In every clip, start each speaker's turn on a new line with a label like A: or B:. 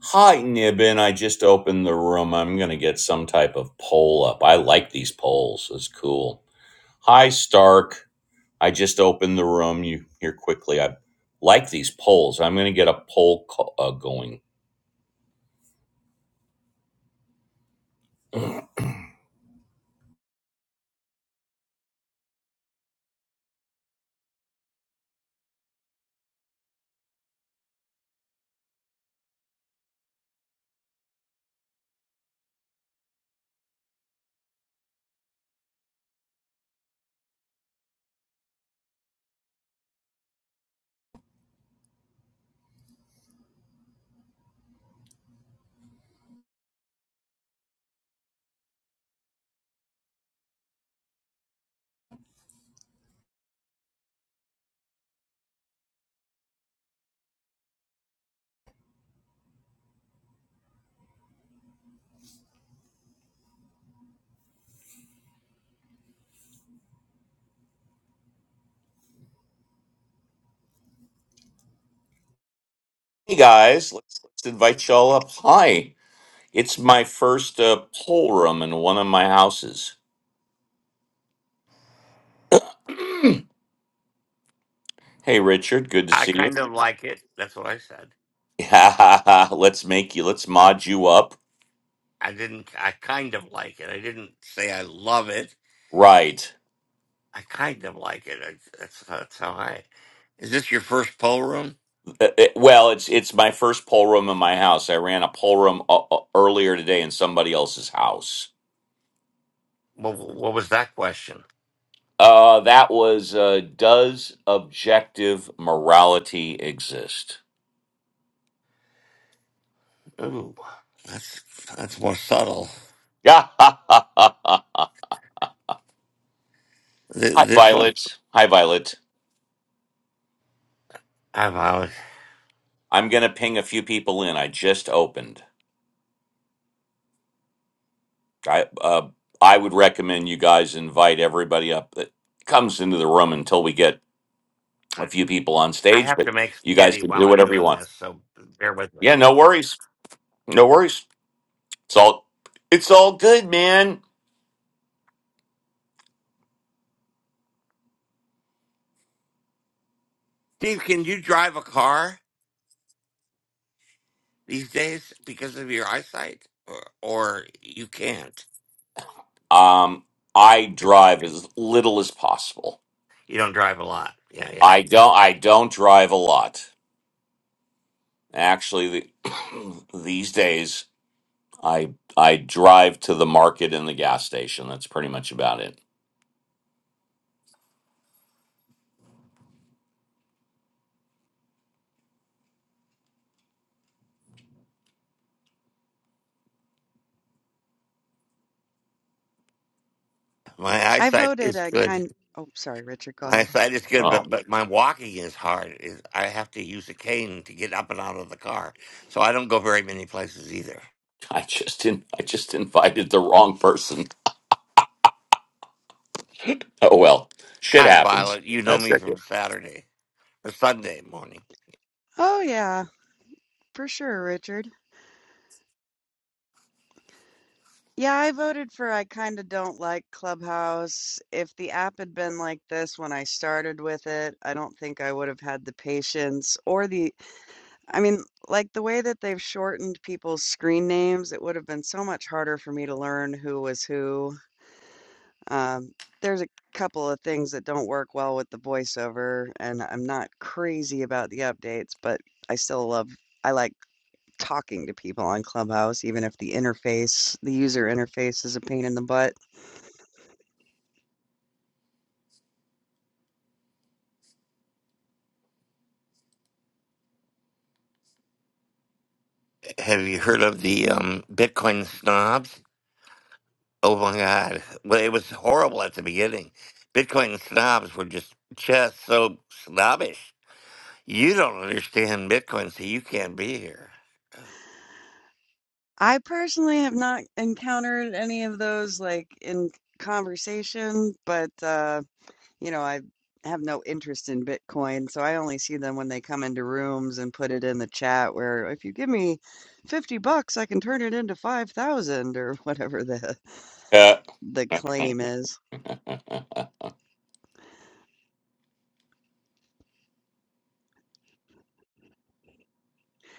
A: Hi, Nibbin. I just opened the room. I'm going to get some type of poll up. I like these polls. It's cool. Hi, Stark. I just opened the room. You here quickly. I like these polls. I'm going to get a poll co- uh, going. Hey, guys. Let's, let's invite y'all up. Hi. It's my first uh, poll room in one of my houses. hey, Richard. Good to
B: I
A: see you.
B: kind of like it. That's what I said.
A: Yeah. Let's make you, let's mod you up.
B: I didn't. I kind of like it. I didn't say I love it.
A: Right.
B: I kind of like it. I, that's that's how I. Is this your first poll room?
A: Uh, uh, Well, it's it's my first poll room in my house. I ran a poll room uh, uh, earlier today in somebody else's house.
B: What, what was that question?
A: Uh, that was uh, does objective morality exist?
B: Ooh, that's that's more subtle.
A: Yeah. Hi,
B: Th- this one,
A: Violet. Hi, Violet.
B: I've always,
A: I'm gonna ping a few people in. I just opened. I uh, I would recommend you guys invite everybody up that comes into the room until we get a few people on
B: I I
A: stage.
B: have to
A: But
B: make
A: you guys
B: spaghetti
A: can
B: while
A: do
B: I'm
A: whatever you
B: doing
A: want.
B: this, so bear with me.
A: Yeah, no worries. No worries. It's all it's all good, man.
B: Steve, can you drive a car these days because of your eyesight, or, or you can't?
A: Um, I drive as little as possible.
B: You don't drive a lot. Yeah, yeah,
A: I don't I don't drive a lot. Actually, the, these days I I drive to the market and the gas station. That's pretty much about it.
B: My
C: I
B: eyesight
C: voted
B: is
C: a
B: good.
C: kind Oh, sorry, Richard, go
B: My
C: ahead.
B: eyesight is good,
A: Oh,
B: but but my walking is hard. Is I have to use a cane to get up and out of the car, so I don't go very many places either.
A: I just in, I just invited the wrong person. Oh well, shit
B: Hi,
A: happens.
B: Violet. You know
A: That's
B: me
A: it.
B: from Saturday or Sunday morning.
C: Oh yeah, for sure, Richard. Yeah, I voted for I kind of don't like Clubhouse. If the app had been like this when I started with it, I don't think I would have had the patience or the I mean, like the way that they've shortened people's screen names, it would have been so much harder for me to learn who was who. Um, there's a couple of things that don't work well with the voiceover, and I'm not crazy about the updates, but I still love I like talking to people on Clubhouse, even if the interface the user interface is a pain in the butt.
B: Have you heard of the um, Bitcoin snobs? Oh my God! Well, it was horrible at the beginning. Bitcoin snobs were just just so snobbish. You don't understand Bitcoin, so you can't be here.
C: I personally have not encountered any of those like in conversation, but uh you know, I have no interest in Bitcoin, so I only see them when they come into rooms and put it in the chat where if you give me 50 bucks, I can turn it into 5,000 or whatever the
A: Uh,
C: the claim is.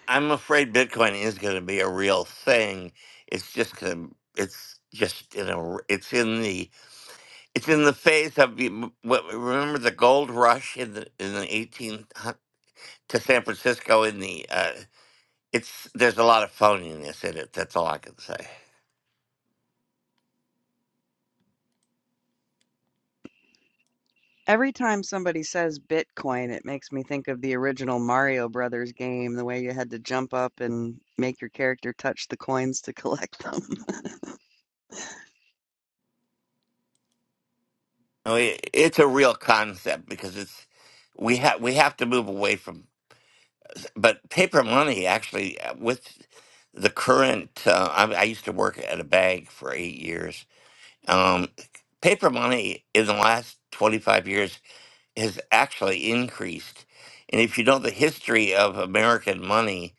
B: I'm afraid Bitcoin is going to be a real thing. It's just going to, it's just in a, r- it's in the, it's in the phase of, the- m- what- remember the gold rush in the, in the 18, hundreds to San Francisco in the, uh, it's, there's a lot of phoniness in it. That's all I can say.
C: Every time somebody says Bitcoin, it makes me think of the original Mario Brothers game, the way you had to jump up and make your character touch the coins to collect them.
B: I mean, it's a real concept because it's, we have, we have to move away from, but paper money actually uh, with the current, uh, I, I used to work at a bank for eight years Um, paper money in the last 25 years has actually increased. And if you know the history of American money,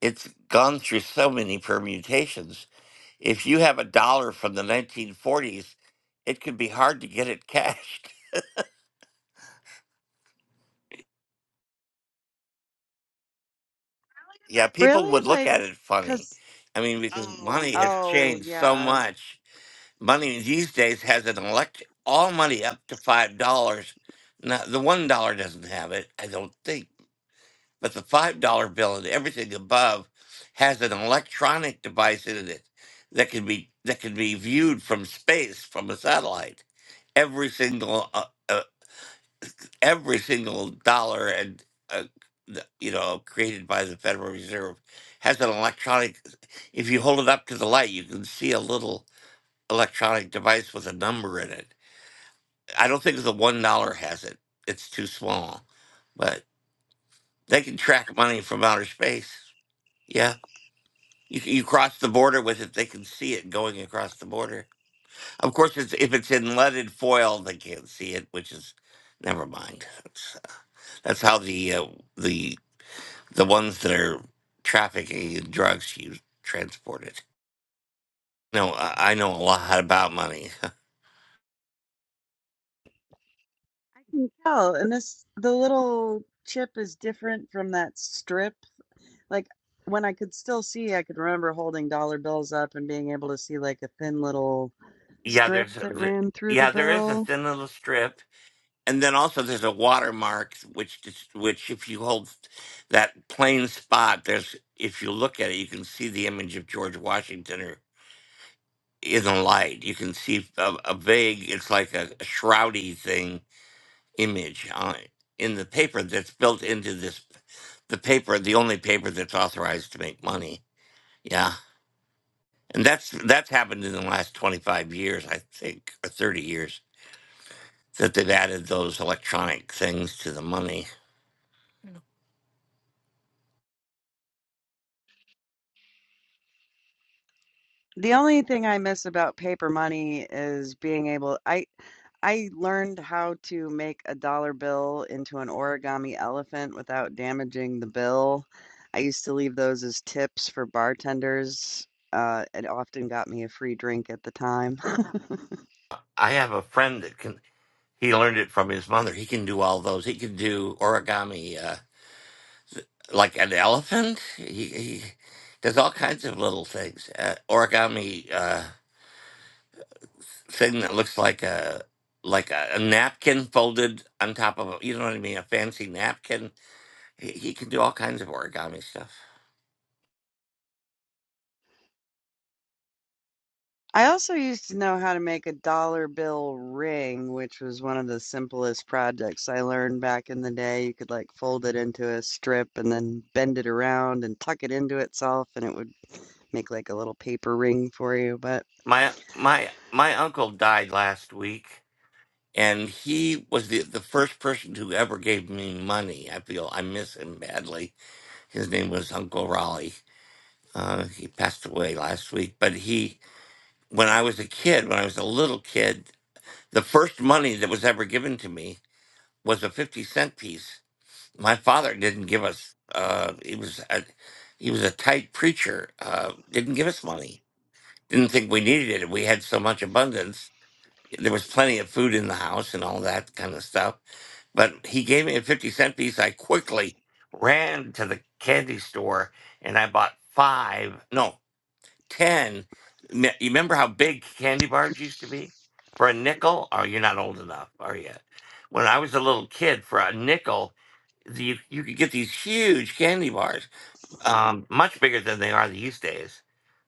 B: it's gone through so many permutations. If you have a dollar from the 1940s, it could be hard to get it cashed. Yeah, people
C: Really?
B: would look at
C: like,
B: it funny.
C: cause,
B: I mean, because money has yeah.
C: oh
B: changed so
C: yeah,
B: much. Money these days has an elect all money up to five dollars. Now the one dollar doesn't have it, I don't think But the $5 bill and everything above has an electronic device in it that can be that can be viewed from space from a satellite. Every single uh, uh, every single dollar and uh, th- you know created by the Federal Reserve has an electronic if you hold it up to the light you can see a little electronic device with a number in it. I don't think the $1 has it. It's too small. But they can track money from outer space. Yeah. You, you cross the border with it; they can see it going across the border. Of course, it's, if it's in leaded foil, they can't see it, which is never mind. That's, uh, that's how the uh, the the ones that are trafficking in drugs use transport it. No, I, I know a lot about money.
C: I can tell. And this, the little chip is different from that strip. Like when I could still see, I could remember holding dollar bills up and being able to see like a thin little
B: yeah,
C: strip
B: there's a,
C: that
B: the,
C: ran through the
B: yeah there is a
C: bill.
B: thin little strip, and then also there's a watermark which dis- which if you hold that plain spot, there's if you look at it, you can see the image of George Washington or. in the light. You can see a, a vague, it's like a, a shroudy thing image on in the paper that's built into this the paper, the only paper that's authorized to make money. Yeah. And that's that's happened in the last 25 years, I think, or 30 years that they've added those electronic things to the money.
C: The only thing I miss about paper money is being able I I learned how to make a dollar bill into an origami elephant without damaging the bill. I used to leave those as tips for bartenders. Uh, it often got me a free drink at the time.
B: I have a friend that can he learned it from his mother. He can do all those. He can do origami. uh, like an elephant. He, he does all kinds of little things. Uh, origami uh, thing that looks like a like a, a napkin folded on top of a, you know what I mean, a fancy napkin. He, he can do all kinds of origami stuff.
C: I also used to know how to make a dollar bill ring, which was one of the simplest projects I learned back in the day. You could like fold it into a strip and then bend it around and tuck it into itself, and it would make like a little paper ring for you. But
B: My my my uncle died last week, and he was the the first person who ever gave me money. I feel I miss him badly. His name was Uncle Raleigh. Uh, he passed away last week, but he when I was a kid, when I was a little kid, the first money that was ever given to me was a fifty cent piece. My father didn't give us. Uh, he was a, he was a tight preacher. Uh, didn't give us money. Didn't think we needed it. We had so much abundance. There was plenty of food in the house and all that kind of stuff. But he gave me a fifty cent piece. I quickly ran to the candy store and I bought five. No. 10 me- you remember how big candy bars used to be for a nickel oh you're not old enough are you when i was a little kid for a nickel you, you could get these huge candy bars um, much bigger than they are these days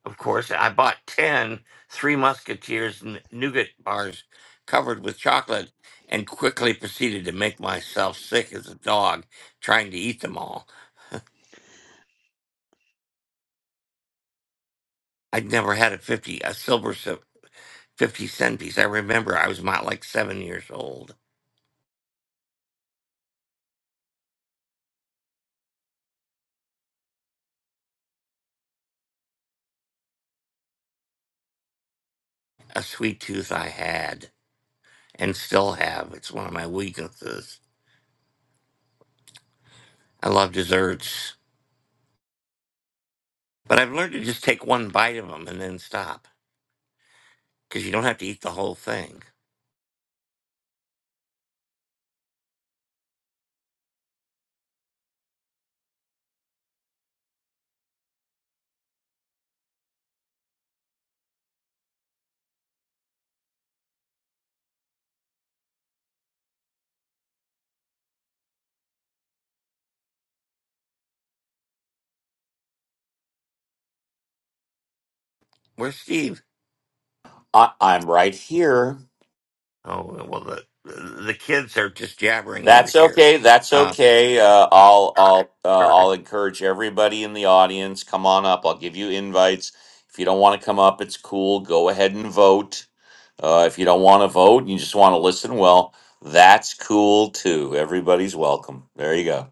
B: of course i bought ten three musketeers n- nougat bars covered with chocolate and quickly proceeded to make myself sick as a dog trying to eat them all i'd never had a 50 a silver 50 cent piece. I remember I was about like seven years old. A sweet tooth I had and still have. It's one of my weaknesses. I love desserts, but I've learned to just take one bite of them and then stop because you don't have to eat the whole thing. Where's Steve?
A: I, I'm right here.
B: Oh, well, the, the kids are just jabbering over
A: That's
B: here.
A: okay. That's
B: Uh,
A: okay. Uh, I'll I'll uh,
B: Sure.
A: I'll encourage everybody in the audience. Come on up. I'll give you invites. If you don't want to come up, it's cool. Go ahead and vote. Uh, if you don't want to vote and you just want to listen, well, that's cool too. Everybody's welcome. There you go.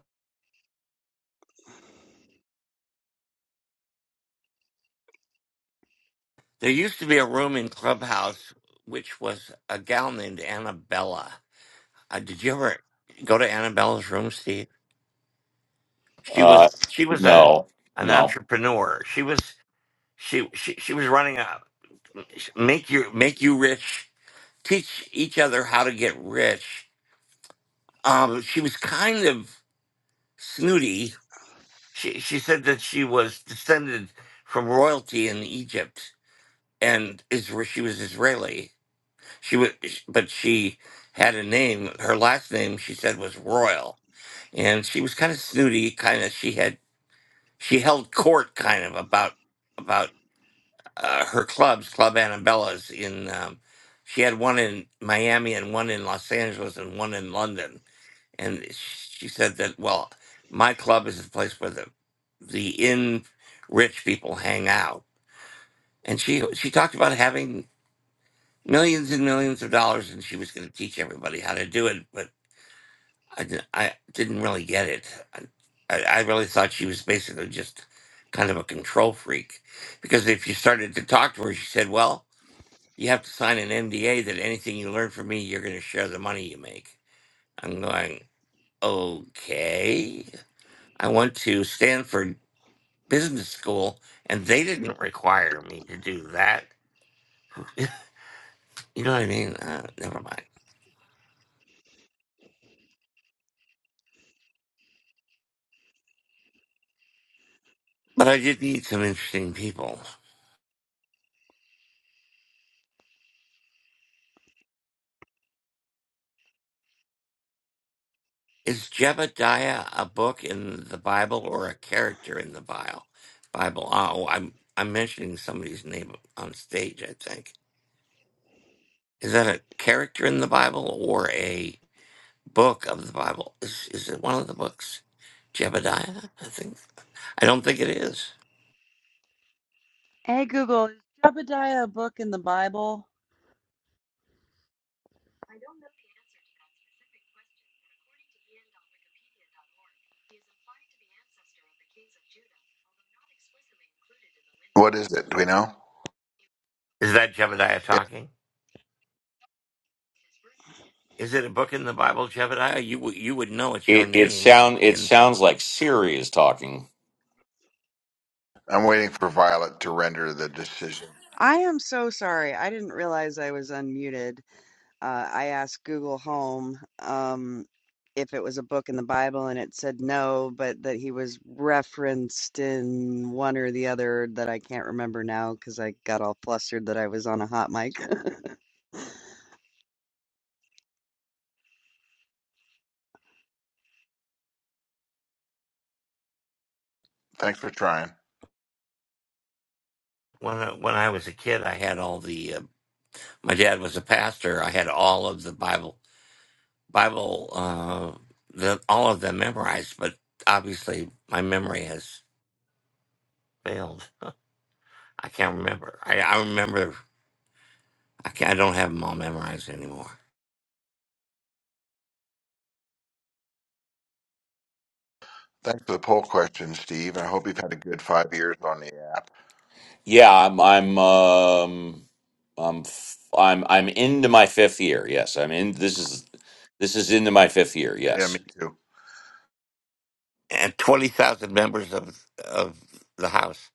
B: there used to be a room in Clubhouse which was a gal named Annabella. Uh, did you ever go to Annabella's room, Steve? She
A: Uh,
B: was she was a
A: no,
B: an
A: no.
B: entrepreneur. She was she she, she was running a make your make you rich, teach each other how to get rich. Um, she was kind of snooty. She she said that she was descended from royalty in Egypt and Isra- she was Israeli. She was but she had a name. Her last name she said was Royal, and she was kind of snooty. Kind of she had she held court kind of about about uh, her clubs, Club Annabella's in. Um, she had one in Miami and one in Los Angeles and one in London. And she said that, well, my club is the place where the the in rich people hang out. And she she talked about having millions and millions of dollars, and she was going to teach everybody how to do it. But I didn't, I didn't really get it. I, I I really thought she was basically just kind of a control freak, because if you started to talk to her, she said, well. You have to sign an MDA that anything you learn from me, you're going to share the money you make. I'm going, okay. I went to Stanford Business School and they didn't require me to do that. you know what I mean? Uh, never mind. But I did meet some interesting people. Is Jebediah a book in the Bible or a character in the Bible? Bible. Oh, I'm I'm mentioning somebody's name on stage. I think is that a character in the Bible or a? book of the Bible. Is, is it one of the books? Jebediah, I think. I don't think it is.
C: Hey Google, is Jebediah a book in the Bible?
D: What is it? Do we know?
B: Is that Jebediah
D: Yeah,
B: talking? Is it a book in the Bible, Jebediah? You would you would know it's your
A: It it
B: name.
A: sound it
B: In
A: sounds like Siri is talking.
D: I'm waiting for Violet to render the decision.
C: I am so sorry. I didn't realize I was unmuted. Uh, I asked Google Home um, if it was a book in the Bible, and it said no, but that he was referenced in one or the other that I can't remember now because I got all flustered that I was on a hot mic.
D: Thanks for trying.
B: when I, when I was a kid, I had all the. Uh, my dad was a pastor. I had all of the Bible Bible uh, the all of them memorized, but obviously my memory has failed. I can't remember. I, I remember. I, can't, I don't have them all memorized anymore.
D: Thanks for the poll question, Steve. I hope you've had a good five years on the app.
A: Yeah, I'm I'm um I'm f- I'm I'm into my fifth year. Yes, I'm in. This is this is into my fifth year.
D: Yeah, me
A: Yes,
D: too.
B: and twenty thousand members of of the House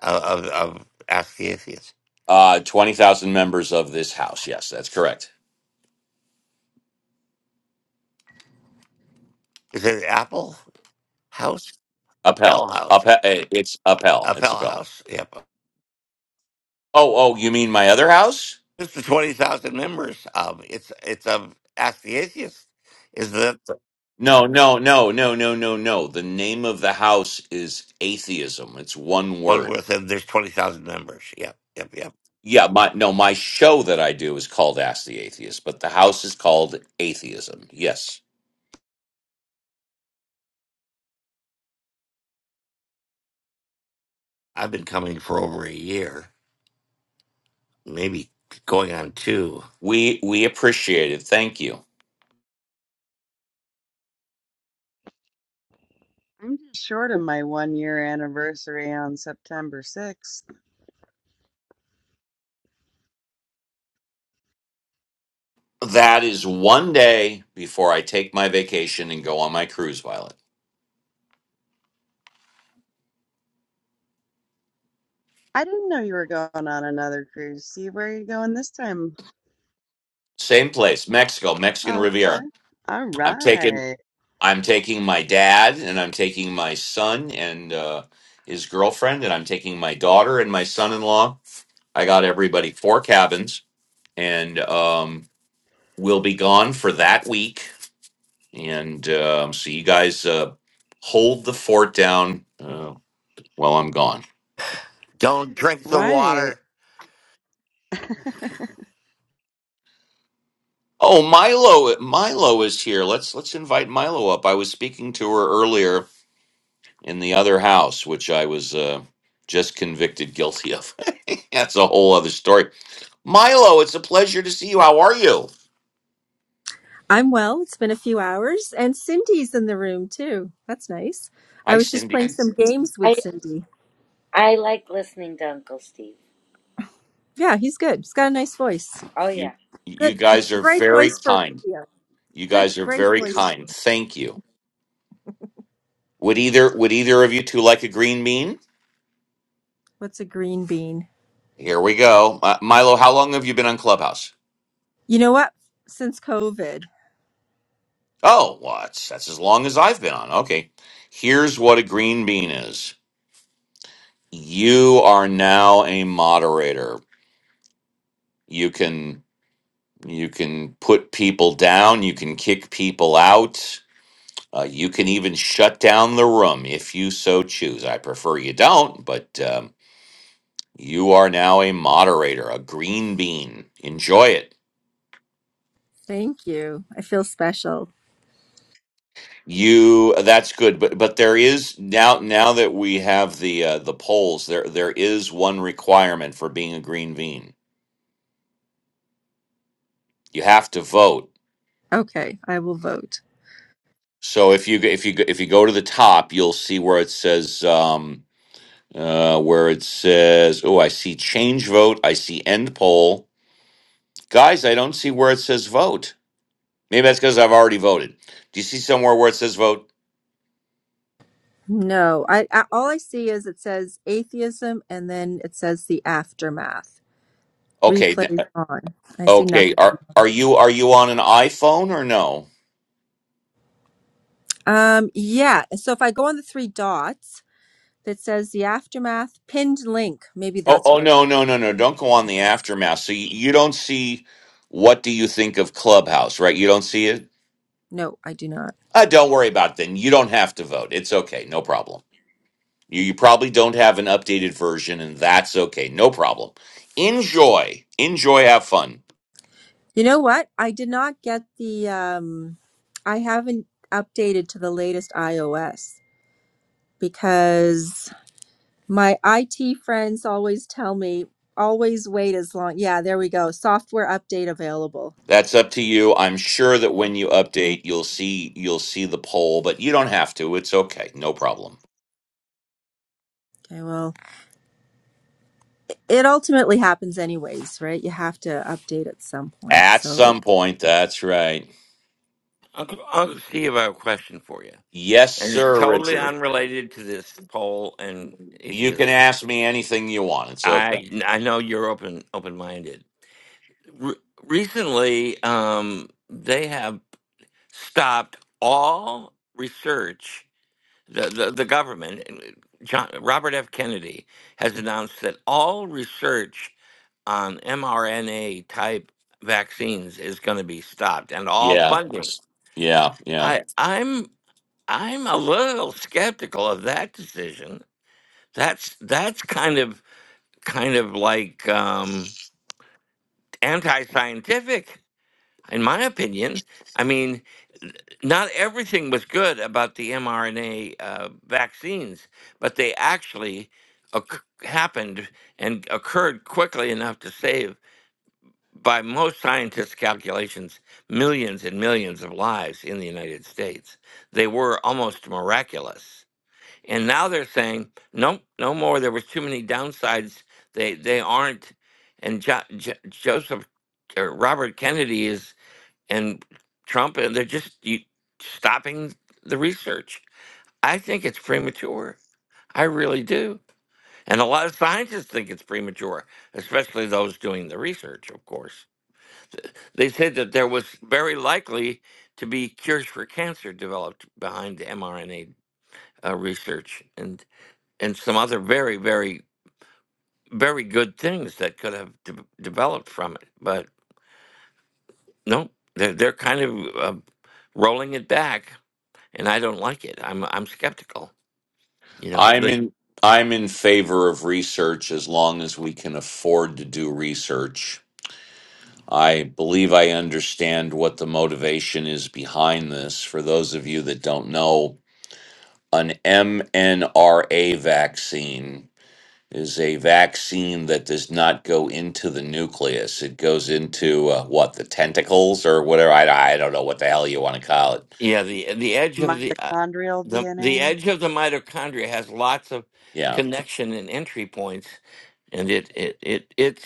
B: uh, of of Ask the Atheist.
A: uh, twenty thousand members of this house. Yes, that's correct.
B: Is it Apple House? Appel
A: Uphell,
B: House.
A: uphell. It's uphell. It's
B: Appel
A: uphell.
B: House. Yep.
A: Oh, oh, you mean my other house?
B: It's the twenty thousand members of it's it's of Ask the Atheist. Is that the
A: No, no, no, no, no, no, no. The name of the house is atheism. It's one
B: one where
A: word.
B: them? There's twenty thousand members. Yep. Yep. Yep.
A: Yeah, my no, my show that I do is called Ask the Atheist, but the house is called Atheism. Yes.
B: I've been coming for over a year, maybe going on two.
A: We we appreciate it. Thank you.
C: I'm just short of my one year anniversary on September 6th.
A: That is one day before I take my vacation and go on my cruise, Violet.
C: I didn't know you were going on another cruise. See, where are you going this time?
A: Same place, Mexico, Mexican
C: Oh, okay.
A: Riviera.
C: All
A: I'm taking
C: right.
A: I'm taking my dad and I'm taking my son and uh, his girlfriend and I'm taking my daughter and my son-in-law. I got everybody four cabins and um, we'll be gone for that week. And um, so you guys uh, hold the fort down uh, while I'm gone.
B: Don't drink the
C: Right.
B: water.
A: Oh, Milo, Milo is here. Let's let's invite Milo up. I was speaking to her earlier in the other house, which I was uh, just convicted guilty of. That's a whole other story. Milo, it's a pleasure to see you. How are you?
E: I'm well. It's been a few hours, and Cindy's in the room too. That's nice. I
A: Hi,
E: was just playing
A: Cindy.
E: some games with
F: I
E: Cindy.
F: I like listening to Uncle Steve.
E: Yeah, he's good. He's got a nice voice.
F: Oh yeah.
A: You you
E: Good,
A: guys are
E: great
A: very
E: voice for
A: kind.
E: radio.
A: You
E: Good,
A: guys are
E: great
A: very
E: voice.
A: kind. Thank you. Would either would either of you two like a green bean?
E: What's a green bean?
A: Here we go. Uh, Milo, how long have you been on Clubhouse?
E: You know what? Since COVID,
A: Oh, what? That's as long as I've been on. Okay. Here's what a green bean is. You are now a moderator. You can you can put people down. You can kick people out. Uh, you can even shut down the room if you so choose. I prefer you don't, but um, you are now a moderator, a green bean. Enjoy it.
E: thank you. I feel special.
A: You that's good, but but there is now now that we have the uh, the polls, there there is one requirement for being a green bean. You have to vote
E: Okay, I will vote.
A: So if you if you if you go to the top, you'll see where it says um, uh, where it says. Oh, I see change vote. I see end poll. Guys, I don't see where it says vote. Maybe that's because I've already voted. Do you see somewhere where it says vote?
E: No, I, I all I see is it says atheism, and then it says the aftermath.
A: Okay, n-
E: Replays on. I see nothing.
A: okay. Are are you are you on an iPhone or no?
E: Um, yeah. So if I go on the three dots, that says the aftermath pinned link. Maybe
A: Oh,
E: that's
A: oh
E: where.
A: no, no, no, no. Don't go on the aftermath. So you, you don't see what do you think of Clubhouse, right? You don't see it.
E: No, I do not.
A: Uh, don't worry about it then. You don't have to vote. It's okay. No problem. You, you probably don't have an updated version, and that's okay. No problem. Enjoy. Enjoy. Have fun.
E: You know what? I did not get the. Um, I haven't updated to the latest iOS because my IT friends always tell me always wait as long. Yeah, there we go. Software update available.
A: That's up to you. I'm sure that when you
E: Mm.
A: update, you'll see you'll see the poll, but you don't have to. It's okay. No problem.
E: Okay, well, it ultimately happens anyways, right? You have to update at some point.
A: At
E: So, it,
A: some point, that's right.
B: Uncle Uncle Steve, I have a question for you.
A: Yes,
B: And it's
A: sir,
B: totally
A: Richard.
B: unrelated to this poll and
A: You can
B: atheism.
A: ask me anything you want. It's okay.
B: I I know you're open open minded. Re- recently, um, they have stopped all research. The, the the government, John Robert F. Kennedy, has announced that all research on mRNA type vaccines is going to be stopped, and all
A: Yeah.
B: funding.
A: Yeah, yeah.
B: I I'm I'm a little skeptical of that decision That's that's kind of kind of like um, anti-scientific, in my opinion. I mean, n- not everything was good about the mRNA uh, vaccines, but they actually occ happened and occurred quickly enough to save, by most scientists' calculations, millions and millions of lives in the United States. They were almost miraculous. And now they're saying, nope, no more. There was too many downsides. They they aren't. And jo- jo- Joseph or Robert Kennedy is and Trump, and they're just you, stopping the research. I think it's premature. I really do. And a lot of scientists think it's premature, especially those doing the research, of course. They said that there was very likely to be cures for cancer developed behind mRNA uh, research. And and some other very, very, very good things that could have de- developed from it. But no, they're, they're kind of uh, rolling it back, and I don't like it. I'm I'm skeptical. You know,
A: I'm
B: the
A: in I'm in favor of research as long as we can afford to do research I believe I understand what the motivation is behind this. For those of you that don't know, an mNRA vaccine is a vaccine that does not go into the nucleus. It goes into uh, what, the tentacles or whatever? I, I don't know what the hell you want to call it.
B: yeah the the edge of the uh,
C: Mitochondrial
B: the the
C: DNA.
B: edge of the mitochondria has lots of
A: Yeah.
B: connection and entry points, and it it it it's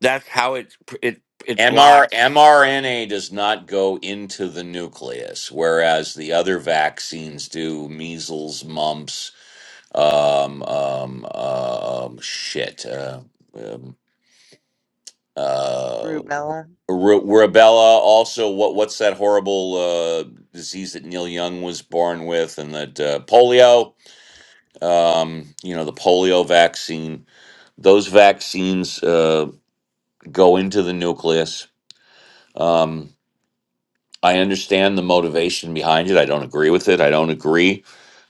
B: that's how it it it
A: MR,
B: blocks.
A: mRNA does not go into the nucleus, whereas the other vaccines do measles, mumps, um, um, um, shit. Uh, um, uh,
C: Rubella.
A: Ru- rubella. Also, what what's that horrible uh, disease that Neil Young was born with, and that uh, polio. Um, you know, the polio vaccine. Those vaccines uh, go into the nucleus. Um, I understand the motivation behind it. I don't agree with it. I don't agree.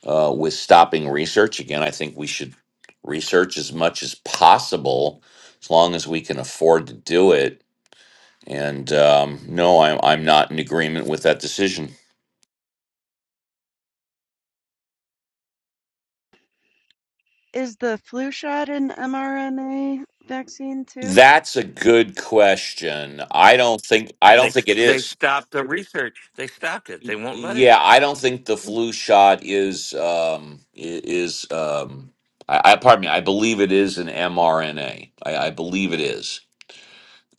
A: uh, with stopping research. Again, I think we should research as much as possible as long as we can afford to do it. And um, no, I'm, I'm not in agreement with that decision.
C: Is the flu shot an mRNA vaccine too?
A: That's a good question. I don't think I don't
B: They
A: think it
B: they
A: is.
B: stopped the research. They stopped it.
A: Y-
B: They won't let it.
A: Yeah, I don't think the flu shot is um, i- is. Um, I, I pardon me. I believe it is an mRNA. I, I believe it is.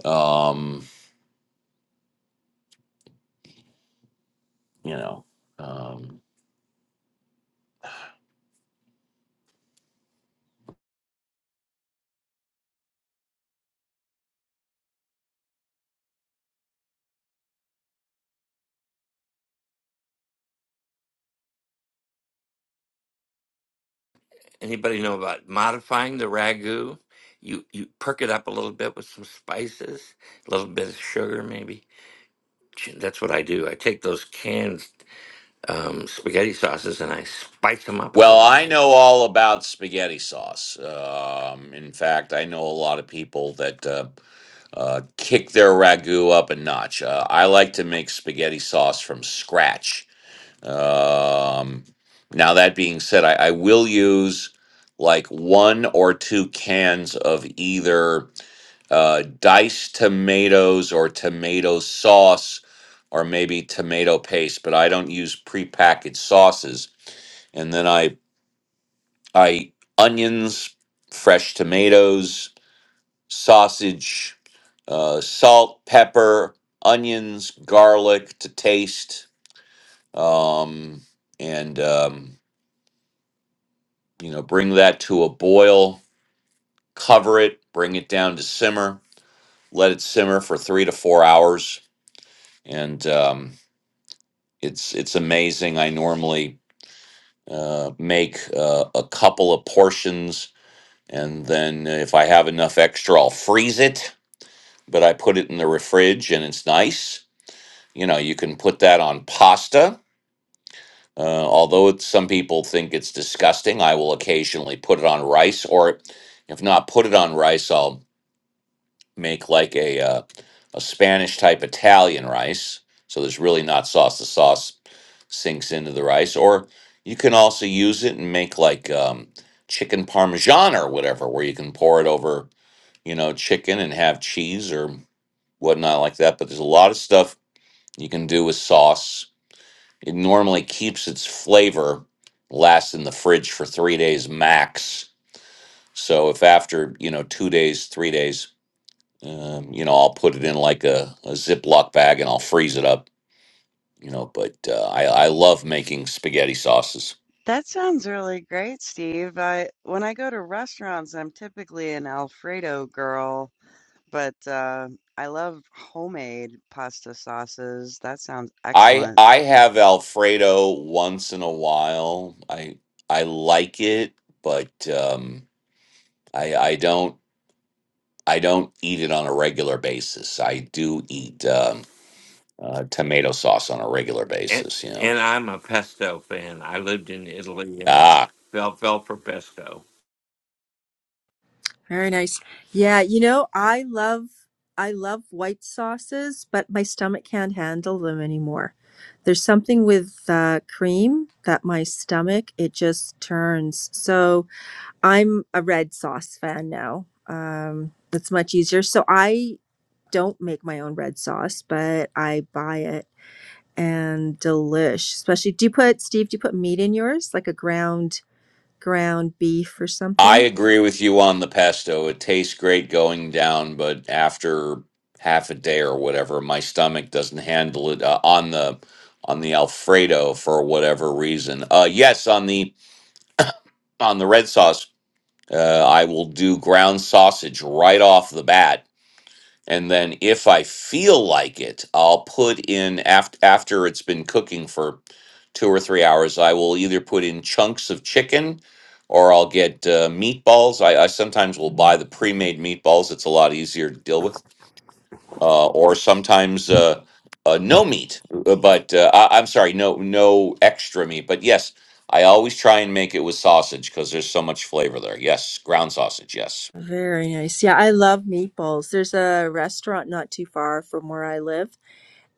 A: Um, you know. Um,
B: Anybody know about modifying the ragu? You you perk it up a little bit with some spices, a little bit of sugar maybe. Ch- That's what I do. I take those canned um, spaghetti sauces and I spice them up a
A: Well,
B: little
A: I
B: bit.
A: know all about spaghetti sauce. Um, in fact, I know a lot of people that uh, uh, kick their ragu up a notch. Uh, I like to make spaghetti sauce from scratch. Um, now, that being said, I, I will use like one or two cans of either uh, diced tomatoes or tomato sauce or maybe tomato paste, but I don't use prepackaged sauces. And then I I eat onions, fresh tomatoes, sausage, uh, salt, pepper, onions, garlic to taste, um, and um, you know, bring that to a boil. Cover it, bring it down to simmer, let it simmer for three to four hours, and um, it's it's amazing. I normally uh, make uh, a couple of portions, and then if I have enough extra, I'll freeze it but I put it in the fridge and it's nice. You know, you can put that on pasta. Uh, although it's, some people think it's disgusting, I will occasionally put it on rice, or if not put it on rice, I'll make like a uh, a Spanish type Italian rice. So there's really not sauce. The sauce sinks into the rice, or you can also use it and make like um, chicken parmesan or whatever, where you can pour it over, you know, chicken and have cheese or whatnot like that. But there's a lot of stuff You can do with sauce. It normally keeps its flavor, lasts in the fridge for three days max. So if after you know two days, three days, um, you know I'll put it in like a, a Ziploc bag and I'll freeze it up. You know, but uh, I I love making spaghetti sauces.
C: That sounds really great, Steve. I when I go to restaurants, I'm typically an Alfredo girl, but uh, I love homemade pasta sauces. That sounds
A: I
C: excellent.
A: I have Alfredo once in a while. I I like it, but um, I I don't I don't eat it on a regular basis. I do eat. Um, uh, tomato sauce on a regular
B: And
A: basis. You know,
B: and I'm a pesto fan. I lived in Italy and
A: ah,
B: fell fell for pesto.
E: Very nice. Yeah, you know, I love I love white sauces, but my stomach can't handle them anymore. There's something with uh, cream that my stomach it just turns. So I'm a red sauce fan now. Um, that's much easier. So I don't make my own red sauce, but I buy it and delish. Especially, do you put Steve? Do you put meat in yours, like a ground ground beef or
A: I
E: something?
A: agree with you on the pesto. It tastes great going down, but after half a day or whatever, my stomach doesn't handle it uh, on the on the Alfredo for whatever reason. Uh, yes, on the on the red sauce, uh, I will do ground sausage right off the bat and then if I feel like it, I'll put in after after it's been cooking for two or three hours. I will either put in chunks of chicken, or I'll get uh, meatballs. I, I sometimes will buy the pre-made meatballs. It's a lot easier to deal with. Uh, or sometimes uh, uh, no meat, uh, but uh, I, I'm sorry, no no extra meat. But yes, I always try and make it with sausage because there's so much flavor there. Yes, ground sausage. Yes.
E: Very nice. Yeah, I love meatballs. There's a restaurant not too far from where I live,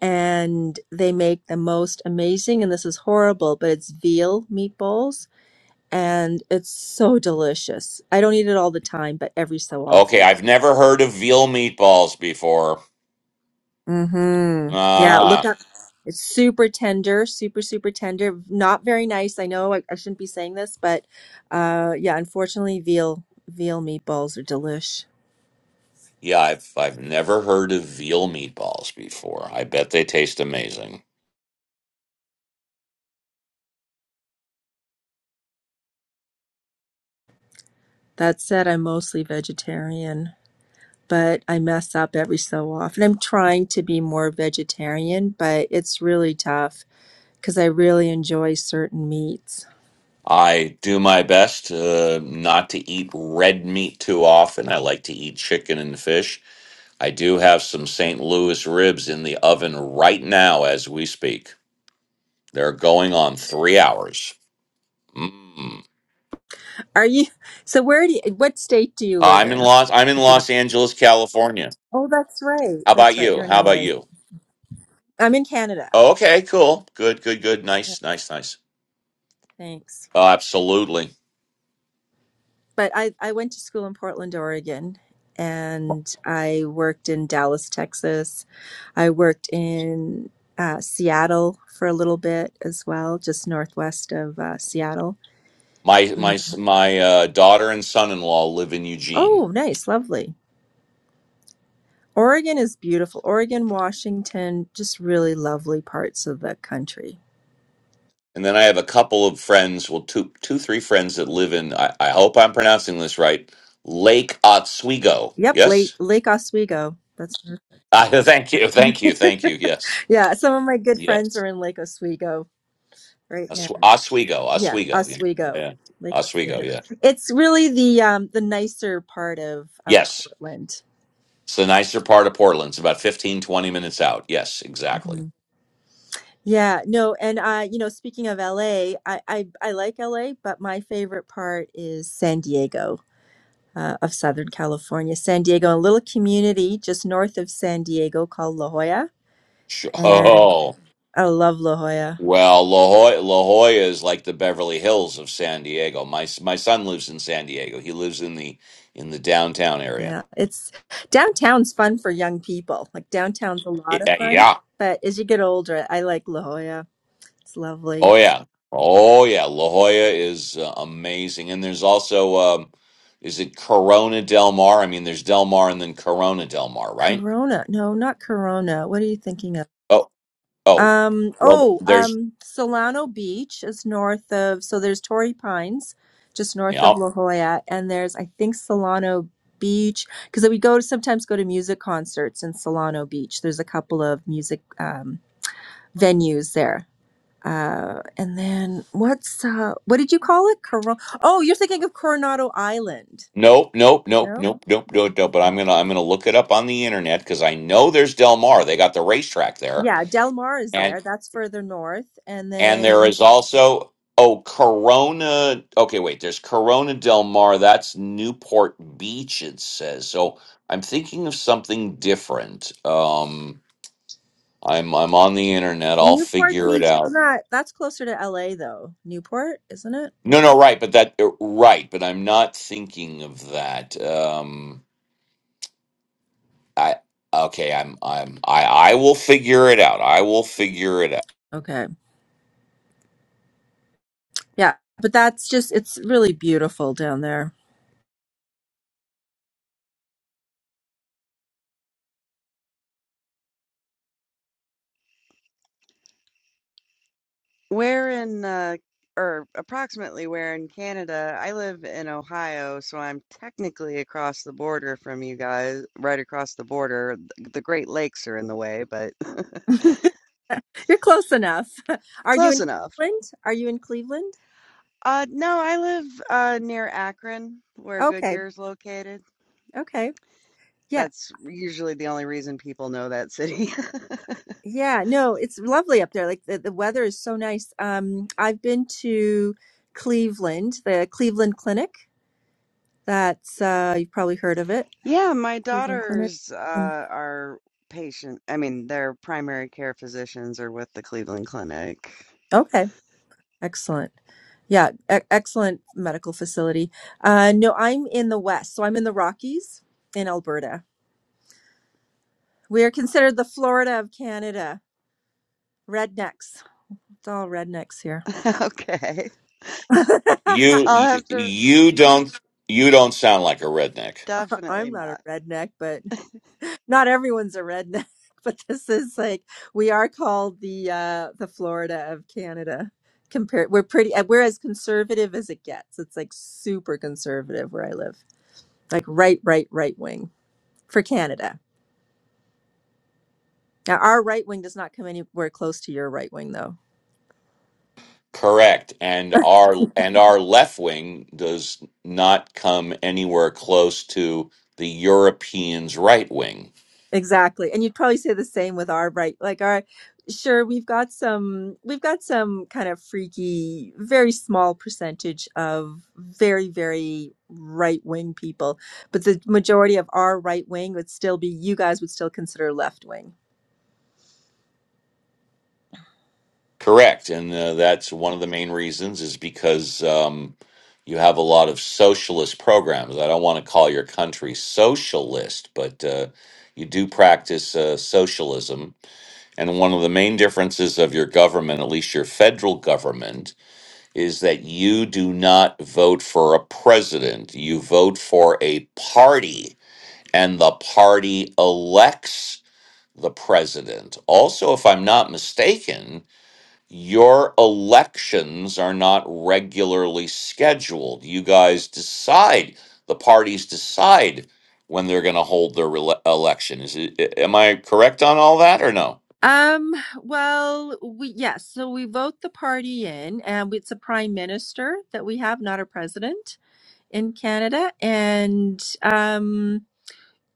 E: and they make the most amazing, and this is horrible, but it's veal meatballs, and it's so delicious. I don't eat it all the time, but every so
A: Okay,
E: often.
A: I've never heard of veal meatballs before.
E: Mm-hmm. Yeah, look
A: Ah,
E: up. It's super tender, super, super tender. Not very nice. I know I, I shouldn't be saying this, but uh yeah, unfortunately, veal veal meatballs are delish.
A: yeah, I've I've never heard of veal meatballs before. I bet they taste amazing.
E: That said, I'm mostly vegetarian. but I mess up every so often. I'm trying to be more vegetarian, but it's really tough because I really enjoy certain meats.
A: I do my best uh, not to eat red meat too often. I like to eat chicken and fish. I do have some St. Louis ribs in the oven right now as we speak. They're going on three hours. Mm.
E: Are you so where do you, what state do you live
A: I'm in
E: in?
A: Los I'm in
E: If you don't
A: Los Angeles, California.
E: Oh, that's right.
A: How
E: That's
A: about
E: right.
A: you?
E: You're in
A: How about
E: LA.
A: you?
E: I'm in Canada.
A: Oh, okay, cool. Good, good, good.
E: Yeah,
A: Nice, nice, nice.
E: thanks.
A: Oh, absolutely.
E: But I I went to school in Portland, Oregon, and I worked in Dallas, Texas. I worked in uh, Seattle for a little bit as well, just northwest of uh, Seattle.
A: My my my uh, daughter and son-in-law live in Eugene,
E: Oh, nice, lovely. Oregon is beautiful. Oregon, Washington, just really lovely parts of the country.
A: and then I have a couple of friends, well, two two three friends that live in. I, I hope I'm pronouncing this right, Lake Oswego.
E: Yep, Lake
A: Yes,
E: Lake Oswego. That's
A: uh, thank you, thank you, thank you. Yes,
E: yeah. Some of my good friends
A: yes,
E: are in Lake Oswego right now.
A: Os- Oswego,
E: Yeah,
A: Oswego. Yeah,
E: Oswego,
A: yeah.
E: Lake
A: Oswego.
E: Oswego.
A: Yeah,
E: It's really the um the nicer part of of
A: yes.
E: Portland.
A: It's the nicer part of Portland. It's about 15 20 minutes out. Yes, exactly.
E: Mhm. Yeah, no, and uh, you know, speaking of LA, I I I like LA, but my favorite part is San Diego. uh, of Southern California, San Diego, a little community just north of San Diego called La Jolla. And
A: Sure.
E: I love La Jolla.
A: Well, La Jolla, La Jolla is like the Beverly Hills of San Diego. My s- my son lives in San Diego. He lives in the in the downtown area.
E: Yeah, it's downtown's fun for young people. Like downtown's a lot of
A: Yeah.
E: fun,
A: yeah.
E: but as you get older, I like La Jolla. It's lovely.
A: Oh yeah. Oh yeah. La Jolla is uh, amazing. And there's also um, is it Corona Del Mar? I mean, there's Del Mar and then Corona Del Mar, right?
E: Corona. No, not Corona. What are you thinking of?
A: Oh oh.
E: Um,
A: Well,
E: oh,
A: there's
E: um, Solano Beach is north of, so there's Torrey Pines, just north
A: yeah.
E: of La Jolla, and there's, I think, Solano Beach, because we go to sometimes go to music concerts in Solano Beach. There's a couple of music um, venues there. Uh, and then what's, uh, what did you call it? Coron- oh, you're thinking of Coronado Island.
A: Nope, nope, nope,
E: No?
A: nope, nope,
E: Mm-hmm.
A: nope, nope. But I'm gonna I'm gonna look it up on the internet because I know there's Del Mar. They got the racetrack there
E: Yeah, Del Mar is there. That's further north. And
A: And there
E: then
A: is also oh Corona. Okay, wait. There's Corona Del Mar. That's Newport Beach. It says so. I'm thinking of something different. Um, I'm I'm on the internet. I'll
E: Newport
A: figure it
E: Beach is
A: out.
E: not that's closer to LA though. Newport, isn't it?
A: No, no, right, but that uh, right, but I'm not thinking of that. Um, I okay. I'm I'm I I will figure it out. I will figure it out.
E: Okay. Yeah. But that's just it's really beautiful down there.
C: Where in uh, or approximately where in Canada? I live in Ohio, so I'm technically across the border from you guys, right across the border. Th- The Great Lakes are in the way, but
E: You're close enough. Are you
C: close
E: in
C: enough.
E: Cleveland? Are you in Cleveland?
C: Uh, no, I live uh, near Akron, where
E: Okay.
C: Goodyear's located.
E: Okay. Yeah.
C: That's usually the only reason people know that city.
E: Yeah. No, it's lovely up there. Like the, the weather is so nice. Um I've been to Cleveland, the Cleveland Clinic. That's uh you've probably heard of it.
C: Yeah, my
E: Cleveland Clinic.
C: daughters uh,
E: And
C: are patient. I mean, their primary care physicians are with the Cleveland Clinic.
E: okay. Excellent. Yeah, e- excellent medical facility. Uh, no, I'm in the West. So I'm in the Rockies in Alberta. We are considered the Florida of Canada. Rednecks. It's all rednecks here.
C: Okay.
E: I'm
A: You
C: I'll
A: you,
C: have to
A: you don't you don't sound like a redneck.
C: definitely
E: not a
C: not.
E: redneck, but not everyone's a redneck. But this is like we are called the uh, the Florida of Canada. Compared, we're pretty. uh, We're as conservative as it gets. It's like super conservative where I live, like right, right, right wing for Canada. Now, our right wing does not come anywhere close to your right wing, though.
A: Correct. And our and our left wing does not come anywhere close to the Europeans' right wing.
E: Exactly, and you'd probably say the same with our right. Like, our sure, we've got some, we've got some kind of freaky, very small percentage of very, very right wing people, but the majority of our right wing would still be you guys would still consider left wing.
A: Correct. And uh, that's one of the main reasons is because um, you have a lot of socialist programs. I don't want to call your country socialist, but uh, you do practice uh, socialism. And one of the main differences of your government, at least your federal government, is that you do not vote for a president. You vote for a party, and the party elects the president. Also, if I'm not mistaken, your elections are not regularly scheduled. You guys decide, the parties decide when they're going to hold their rele- election. Is it, am I correct on all that or no?
E: Um, well, we yes, so we vote the party in, and it's a prime minister that we have, not a president in Canada, and um.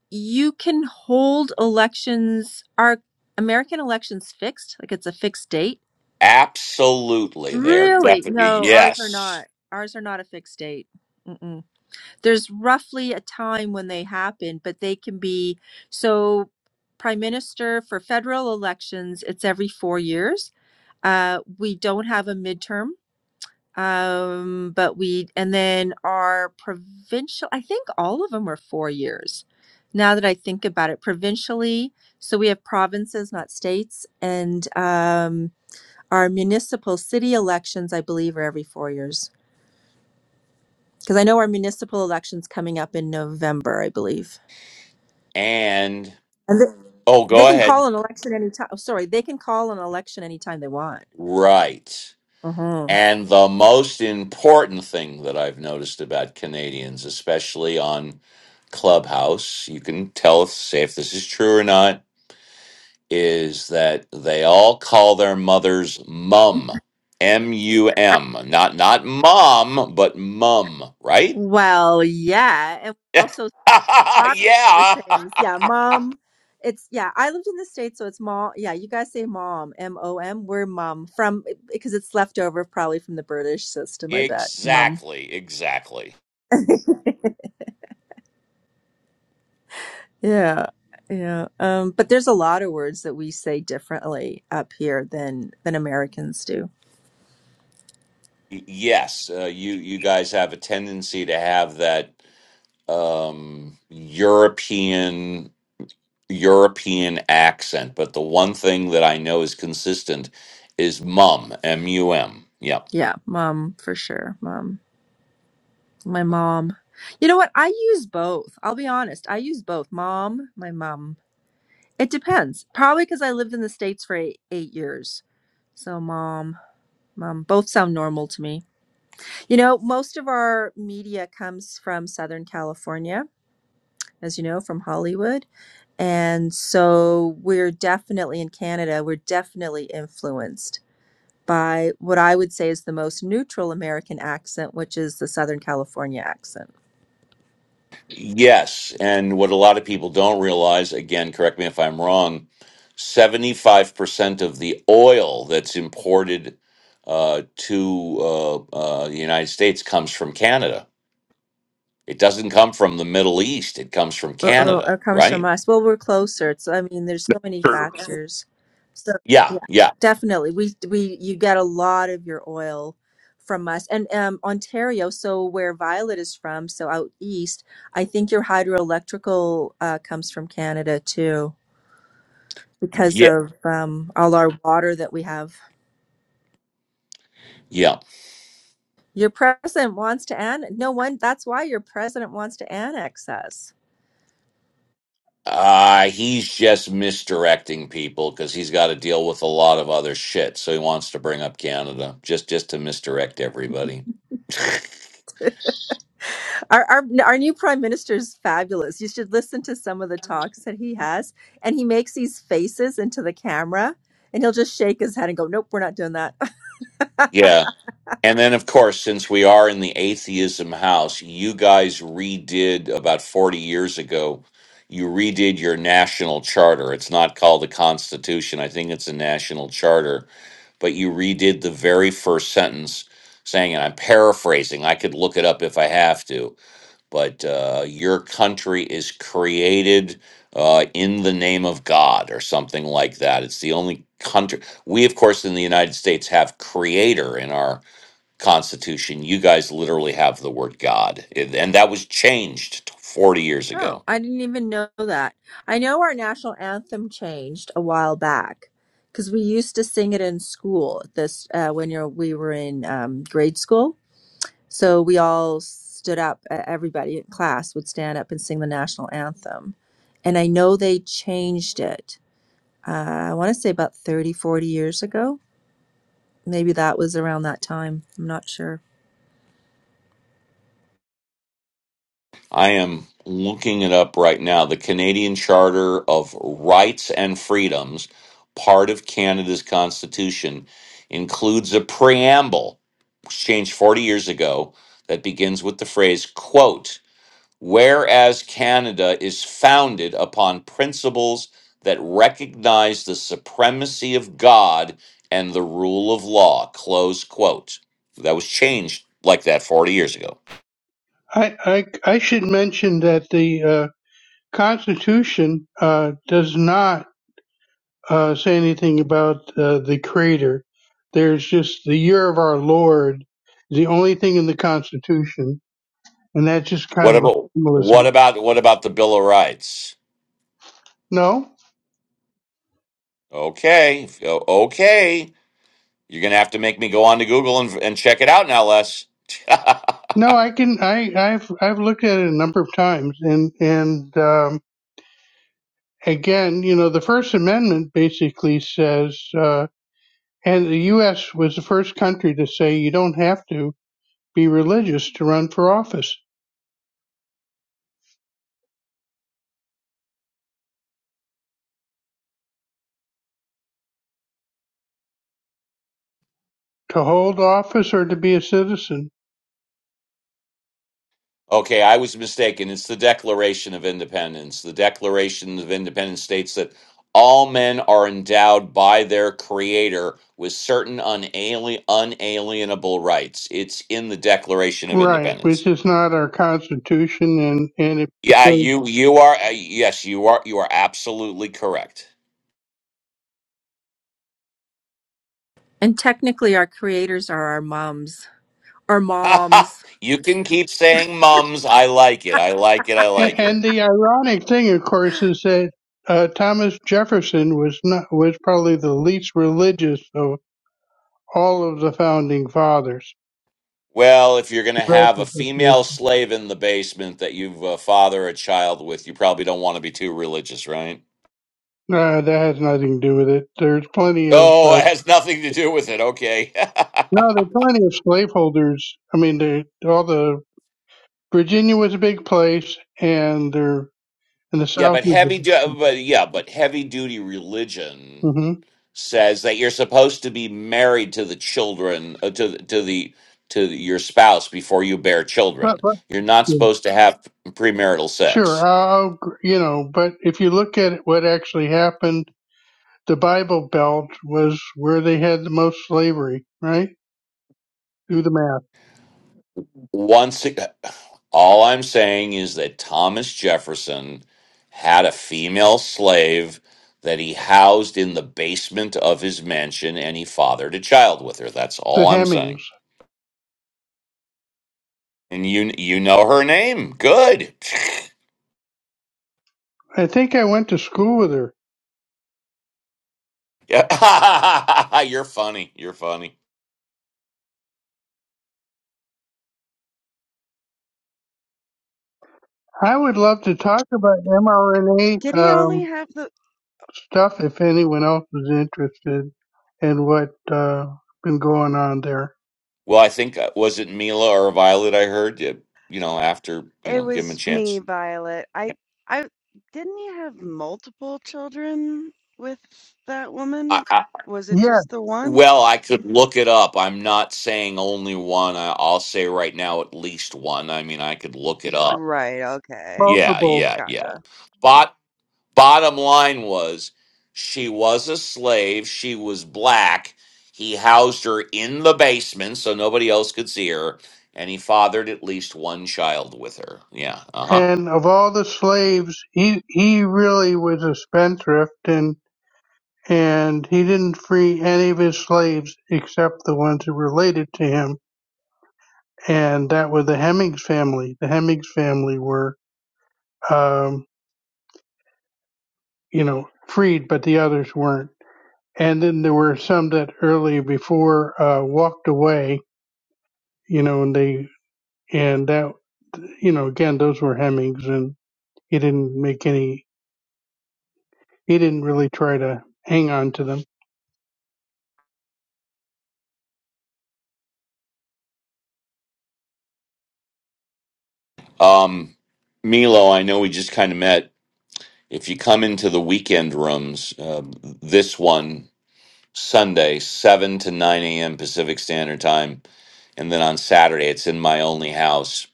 E: you can hold elections are american elections fixed like it's a fixed date
A: Absolutely. They are
E: really
A: definitely,
E: no ours are
A: yes.
E: not ours are not a fixed date Mm-mm. there's roughly a time when they happen but they can be so prime minister for federal elections it's every four years uh, we don't have a midterm um, but we, and then our provincial, I think all of them were four years. Now that I think about it, provincially, so we have provinces, not states, and um, our municipal city elections, I believe, are every four years. Because I know our municipal election's coming up in November, I believe.
A: And,
E: And they,
A: oh,
E: they
A: go
E: can
A: ahead.
E: call an election anytime. Oh, sorry, they can call an election anytime they want.
A: Right.
E: Uh-huh.
A: And the most important thing that I've noticed about Canadians, especially on Clubhouse, you can tell if, say if this is true or not, is that they all call their mothers mum. M U M. Not not mom, but mum, right?
E: Well, yeah. And also A lot of
A: yeah.
E: other things. Yeah, mom. It's yeah. I lived in the states, so it's mom. Yeah, you guys say mom, M O M. We're mom from because it's leftover probably from the British system. I bet mom.
A: exactly. Exactly.
E: Yeah, yeah. Um, but there's a lot of words that we say differently up here than than Americans do.
A: Y- Yes, uh, you you guys have a tendency to have that um, European European accent, but the one thing that I know is consistent is mum, M U M. Yep.
E: Yeah, mom for sure. Mom, my mom. You know what? I use both. I'll be honest. I use both. Mom, my mom. It depends. Probably because I lived in the States for eight, eight years. So, mom, mom, both sound normal to me. You know, most of our media comes from Southern California, as you know, from Hollywood. And so we're definitely in Canada, we're definitely influenced by what I would say is the most neutral American accent, which is the Southern California accent.
A: Yes, and what a lot of people don't realize, again, correct me if I'm wrong, 75% of the oil that's imported uh, to uh, uh, the United States comes from Canada. It doesn't come from the Middle East, it comes from
E: Uh-oh,
A: Canada,
E: it comes from
A: right?
E: us. Well, we're closer. It's, I mean, there's so many
D: True.
E: factors. So,
A: Yeah,
E: yeah,
A: yeah,
E: definitely. We we you get a lot of your oil from us. And um Ontario, so where Violet is from, so out east, I think your hydroelectrical uh comes from Canada too because
A: yeah,
E: of um all our water that we have.
A: yeah.
E: Your president wants to annex. No one, that's why your president wants to annex us.
A: Uh, he's just misdirecting people because he's got to deal with a lot of other shit. So he wants to bring up Canada just just to misdirect everybody.
E: Our, our our new prime minister is fabulous. You should listen to some of the talks that he has, and he makes these faces into the camera, and he'll just shake his head and go, "Nope, we're not doing that."
A: yeah. And then, of course, since we are in the atheism house, you guys redid about 40 years ago, you redid your national charter. It's not called a constitution. I think it's a national charter, but you redid the very first sentence saying, and I'm paraphrasing, I could look it up if I have to but uh, your country is created uh, in the name of God or something like that. It's the only country. We, of course, in the United States have creator in our Constitution. You guys literally have the word God. It- And that was changed 40 years
E: oh,
A: ago.
E: I didn't even know that. I know our national anthem changed a while back because we used to sing it in school. This uh, when you're, we were in um, grade school, so we all stood up. uh, Everybody in class would stand up and sing the national anthem, and I know they changed it uh, I want to say about 30, 40 years ago. Maybe that was around that time. I'm not sure.
A: I am looking it up right now. The Canadian Charter of Rights and Freedoms, part of Canada's Constitution, includes a preamble, which changed 40 years ago, that begins with the phrase, quote, Whereas Canada is founded upon principles that recognize the supremacy of God and the rule of law, close quote. That was changed like that 40 years ago.
G: I, I, I should mention that the uh, Constitution uh, does not uh, say anything about uh, the Creator. There's just the year of our Lord, the only thing in the Constitution, and that's just kind
A: What
G: of a
A: about what
G: formalism.
A: about what about the Bill of Rights?
G: No,
A: Okay, if- o- okay, you're gonna have to make me go on to Google and, and check it out now, Les.
G: no, I can I I've I've looked at it a number of times, and and um, again, you know, the First Amendment basically says, uh, and the U.S. was the first country to say you don't have to. Be religious to run for office, to hold office, or to be a citizen.
A: okay, I was mistaken. It's the Declaration of Independence. The Declaration of Independence states that all men are endowed by their Creator with certain unali- unalienable rights. It's in the Declaration of
G: Right,
A: Independence.
G: which is not our constitution, and and if
A: Yeah,
G: and,
A: you you are uh, yes, you are you are absolutely correct.
E: And technically, our creators are our moms our moms.
A: you can keep saying mums. I like it. I like it. I like it.
G: and the ironic thing, of course, is that uh, Thomas Jefferson was not was probably the least religious of all of the founding fathers.
A: Well, if you're going to have a
G: No,
A: female slave in the basement that you uh, father a child with, you probably don't want to be too religious, right?
G: that has nothing to do with it. There's plenty of
A: Oh,
G: uh,
A: it has nothing to do with it. Okay.
G: no, there's plenty of slaveholders. I mean, they all the Virginia was a big place, and there and the
A: yeah,
G: South
A: but
G: is.
A: heavy du- but yeah, but heavy duty religion
G: Mm-hmm.
A: says that you're supposed to be married to the children uh, to the- to the to your spouse before you bear
G: But,
A: children.
G: but
A: You're not supposed to have premarital sex.
G: sure, I'll, you know, but if you look at what actually happened, the Bible Belt was where they had the most slavery, right? Do the math.
A: Once, ag- all I'm saying is that Thomas Jefferson had a female slave that he housed in the basement of his mansion, and he fathered a child with her. That's
G: The
A: all I'm saying.
G: Hemmings.
A: And you, you know her name. Good.
G: I think I went to school with her.
A: Yeah. You're funny. You're funny.
G: I would love to talk about mRNA
C: Did he only
G: um,
C: have the
G: stuff if anyone else is interested in what uh, been going on there.
A: Well, I think uh, was it Mila or Violet? I heard. Yeah, You know, after you
C: it
A: know, give him a
C: was me,
A: chance.
C: Violet. I I didn't he have multiple children with that woman? Was it
G: Yes,
C: just the one?
A: Well, I could look it up. I'm not saying only one. I, I'll say right now at least one. I mean, I could look it up.
C: Right, okay.
A: Yeah,
G: multiple
A: yeah,
C: Gotcha.
A: yeah. Bot bottom line was she was a slave, she was black. He housed her in the basement so nobody else could see her, and he fathered at least one child with her. Yeah, uh-huh.
G: and of all the slaves, he he really was a spendthrift, and and he didn't free any of his slaves except the ones who related to him, and that was the Hemings family. The Hemings family were, um, you know, freed, but the others weren't. And then there were some that early before uh, walked away, you know, and they and that, you know, again, those were Hemings, and he didn't make any. He didn't really try to hang on to them.
A: Um Milo, I know we just kind of met. If you come into the weekend rooms, uh, this one Sunday, 7 to 9 a.m. Pacific Standard Time. And then on Saturday, it's in my only house.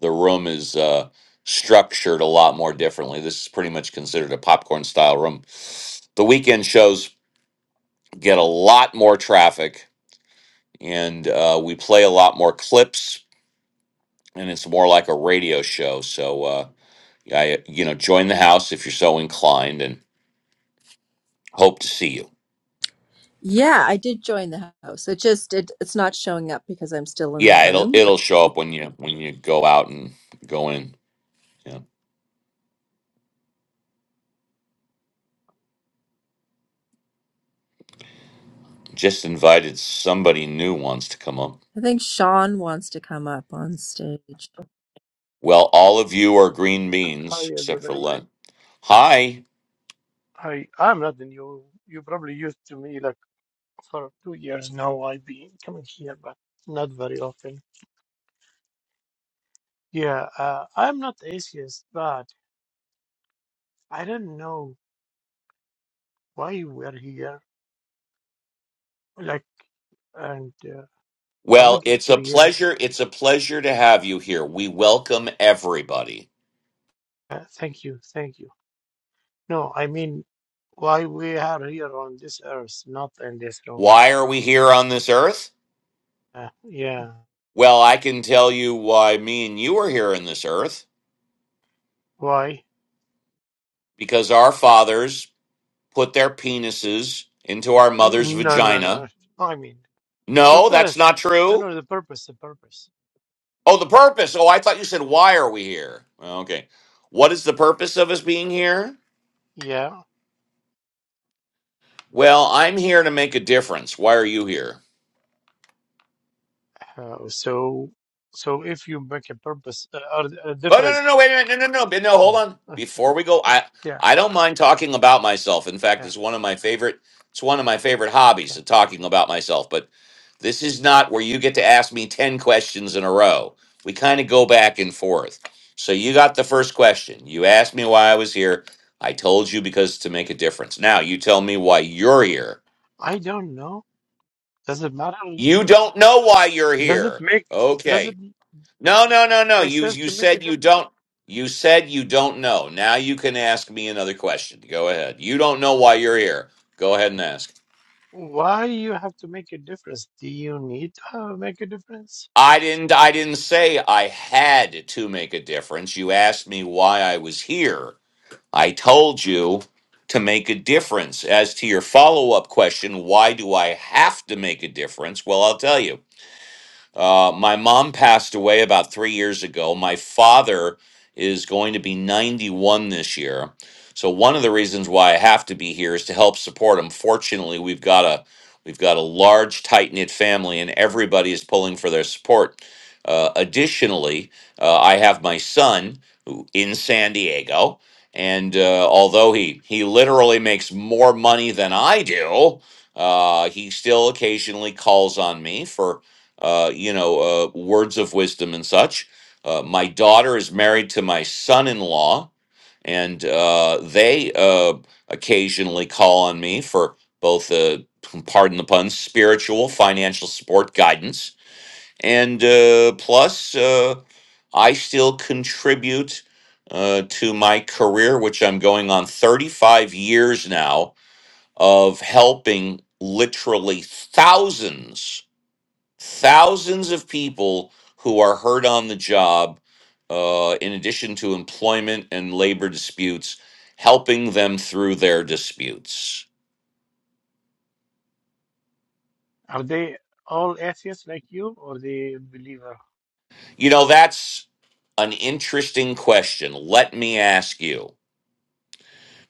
A: The room is uh, structured a lot more differently. This is pretty much considered a popcorn style room. The weekend shows get a lot more traffic and uh, we play a lot more clips, and it's more like a radio show. So, uh, I, you know, join the house if you're so inclined and hope to see you.
E: Yeah, I did join the house. It just it, it's not showing up because I'm still in the
A: Yeah, it'll
E: room. But
A: it'll show up when you when you go out and go in. Yeah. Just invited somebody new wants to come up.
E: I think Sean wants to come up on stage.
A: Well, all of you are green
H: Hi,
A: beans except for
H: everybody.
A: Len. Hi.
H: Hi, I'm not the new. You probably used to me like for two years now. I've been coming here, but not very often. Yeah, uh, I'm not atheist, but I don't know why we're here, like, and uh, how we
A: Well,
H: get
A: it's a
H: created.
A: pleasure. It's a pleasure to have you here. We welcome everybody.
H: Uh, thank you, thank you. No, I mean, why we are here on this earth, not in this room.
A: Why are we here on this earth?
H: Uh, yeah,
A: Well, I can tell you why me and you are here on this earth
H: why?
A: because our fathers put their penises into our mother's
H: No, no, no. no.
A: vagina.
H: I mean,
A: No, that's
H: purpose.
A: not
H: No,
A: true.
H: no, the purpose, the purpose.
A: Oh, the purpose. Oh, I thought you said, why are we here? Well, Okay. What is the purpose of us being here?
H: Yeah.
A: Well, I'm here to make a difference. Why are you here?
H: Uh, so, so if you make a purpose uh, or a
A: Oh, no, no,
H: difference,
A: no, wait a minute. No, no, no. but No,
H: Hmm.
A: hold on.
H: Okay.
A: Before we go, I,
H: yeah,
A: I don't mind talking about myself. In fact,
H: yeah,
A: it's one of my favorite, it's one of
H: yeah,
A: my favorite hobbies,
H: yeah.
A: the talking about myself. But This is not where you get to ask me 10 questions in a row. We kind of go back and forth. So you got the first question. You asked me why I was here. I told you because it's to make a difference. Now you tell me why you're here.
H: I don't know. Does it matter?
A: You don't know why you're
H: Does it
A: here.
H: make? Does it
A: Okay. No, no, no, no.
H: make
A: You
H: sense
A: you
H: to make a
A: said you
H: difference?
A: don't you said you don't know. Now you can ask me another question. Go ahead. You don't know why you're here. Go ahead and ask.
H: Why you have to make a difference? Do you need to have- make a difference?
A: I didn't I didn't say I had to make a difference. You asked me why I was here. I told you to make a difference. As to your follow-up question, why do I have to make a difference? Well, I'll tell you. Uh, my mom passed away about three years ago. My father is going to be 91 this year. So one of the reasons why I have to be here is to help support him. Fortunately, we've got a we've got a large tight knit family, and everybody is pulling for their support. Uh, additionally, uh, I have my son who in San Diego, and uh, although he he literally makes more money than I do, uh, he still occasionally calls on me for uh, you know, uh, words of wisdom and such. Uh, my daughter is married to my son-in-law, and uh, they uh, occasionally call on me for both, uh, pardon the pun, spiritual, financial support, guidance, and uh, plus uh, I still contribute uh, to my career, which I'm going on 35 years now of helping literally thousands thousands of people who are hurt on the job, uh, in addition to employment and labor disputes, helping them through their disputes?
H: Are they all atheists like you, or they believer?
A: You know, that's an interesting question. Let me ask you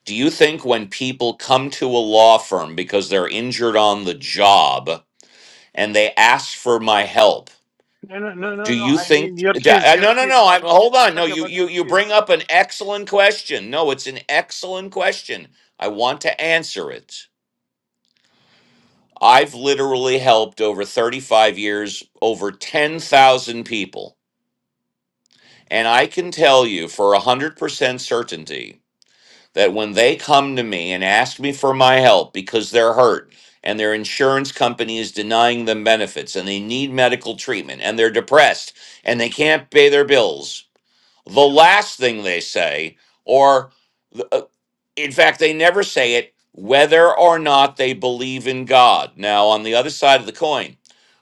A: Do you think when people come to a law firm because they're injured on the job and they ask for my help,
H: No, no, no,
A: Do
H: no, no.
A: you
H: I
A: think?
H: mean your
A: Ja-
H: kids,
A: uh,
H: your
A: No, no,
H: kids.
A: no. I'm
H: I'm,
A: hold
H: I'm
A: on. No,
H: talking
A: you
H: about
A: you
H: your
A: you bring
H: kids.
A: up an excellent question. No, it's an excellent question. I want to answer it. I've literally helped over 35 years over 10,000 people, and I can tell you for 100% certainty that when they come to me and ask me for my help because they're hurt and their insurance company is denying them benefits and they need medical treatment and they're depressed and they can't pay their bills the last thing they say, or uh, in fact, they never say it, whether or not they believe in God. Now, on the other side of the coin,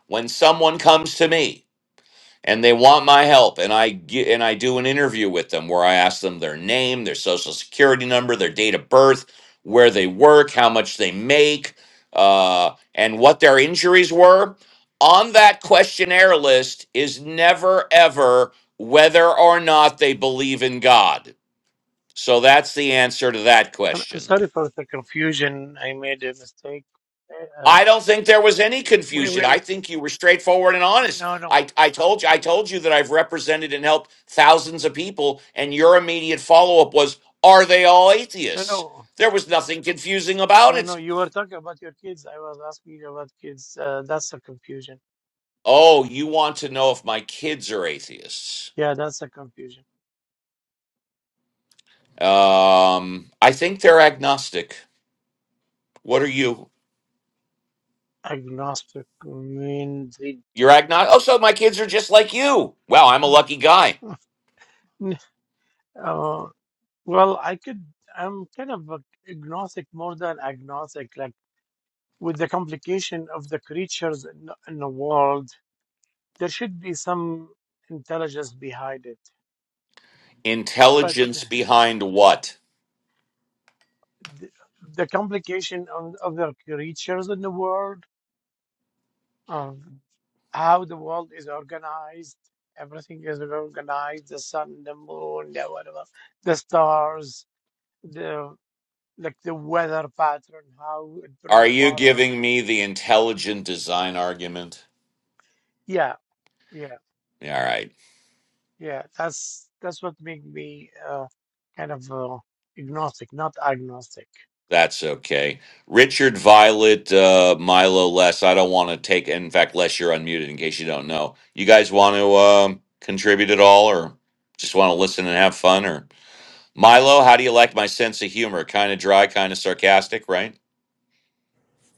A: when someone comes to me and they want my help and i get and i do an interview with them where i ask them their name their social security number their date of birth where they work how much they make uh, and what their injuries were on that questionnaire list is never ever whether or not they believe in god so that's the answer to that
H: I'm, I'm
A: question
H: sorry for the confusion. I made a mistake. eh, Uh,
A: I don't think there was any
H: Wait,
A: confusion.
H: wait,
A: I
H: wait.
A: think you were straightforward and honest.
H: No, no.
A: I, I
H: Uh,
A: told you, I
H: um,
A: told you that I've represented and helped thousands of people, and your immediate follow up was, Are they all
H: no,
A: atheists?
H: no.
A: There was nothing confusing about
H: No, no.
A: it.
H: You were talking about your kids. I was asking you about kids. Uh, that's a confusion.
A: Oh, you want to know if my kids are atheists?
H: Yeah, that's a confusion.
A: Um, I think they're agnostic. What are you?
H: Agnostic means it.
A: You're agnostic. Oh, so my kids are just like you. Wow, I'm a
H: Mm.
A: lucky guy.
H: N- Uh, well, I could. I'm kind of a agnostic more than agnostic. Like with the complication of the creatures in, the- in the world, there should be some intelligence behind it. But.
A: Intelligence behind what?
H: the, the complication of, of the creatures in the world, of how the world is organized. Everything is organized: the sun, the moon, the whatever, the stars, the like the weather pattern, how it
A: Are
H: bring
A: you
H: water
A: giving
H: to.
A: me the intelligent design argument?
H: Yeah, yeah,
A: Yeah, All right,
H: yeah. That's that's what made me uh, kind of uh, agnostic, not agnostic.
A: that's okay. Richard Violet, uh, Milo, Les. I don't want to take. In fact, Les, you're unmuted. In case you don't know, you guys want to um, contribute at all, or just want to listen and have fun? Or Milo, how do you like my sense of humor? Kind of dry, kind of sarcastic, right?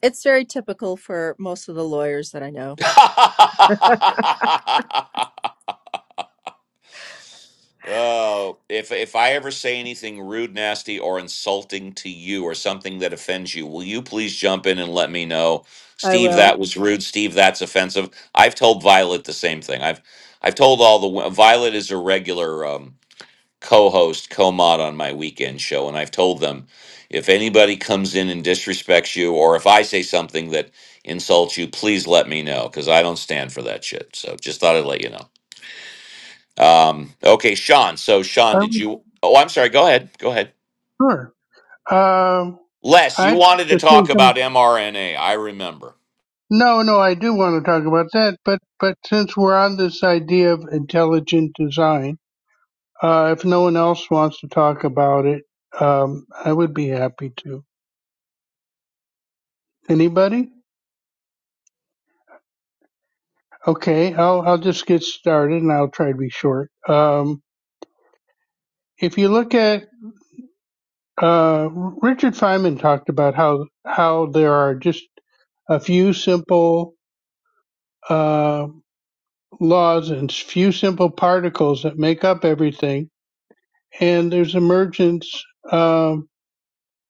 E: It's very typical for most of the lawyers that I know.
A: Oh, if if I ever say anything rude, nasty, or insulting to you, or something that offends you, will you please jump in and let me know?
E: I
A: Steve,
E: will.
A: that was rude. Steve, that's offensive. I've told Violet the same thing. I've I've told all the wo- Violet is a regular um, co-host, co-mod on my weekend show, and I've told them if anybody comes in and disrespects you, or if I say something that insults you, please let me know because I don't stand for that shit. So just thought I'd let you know. Um, okay, Sean. So, Sean,
G: I
A: did you? Oh, I'm sorry. Go ahead. Go ahead.
G: Sure. Um,
A: Les, you
G: I
A: wanted to
G: to say
A: talk about
G: some.
A: mRNA. I remember.
G: No, no, I do want to talk about that, but but since we're on this idea of intelligent design, uh, if no one else wants to talk about it, um, I would be happy to. Anybody? Okay, I'll I'll just get started, and I'll try to be short. Um, if you look at uh, Richard Feynman talked about how how there are just a few simple. Uh, laws and few simple particles that make up everything. And there's emergence um,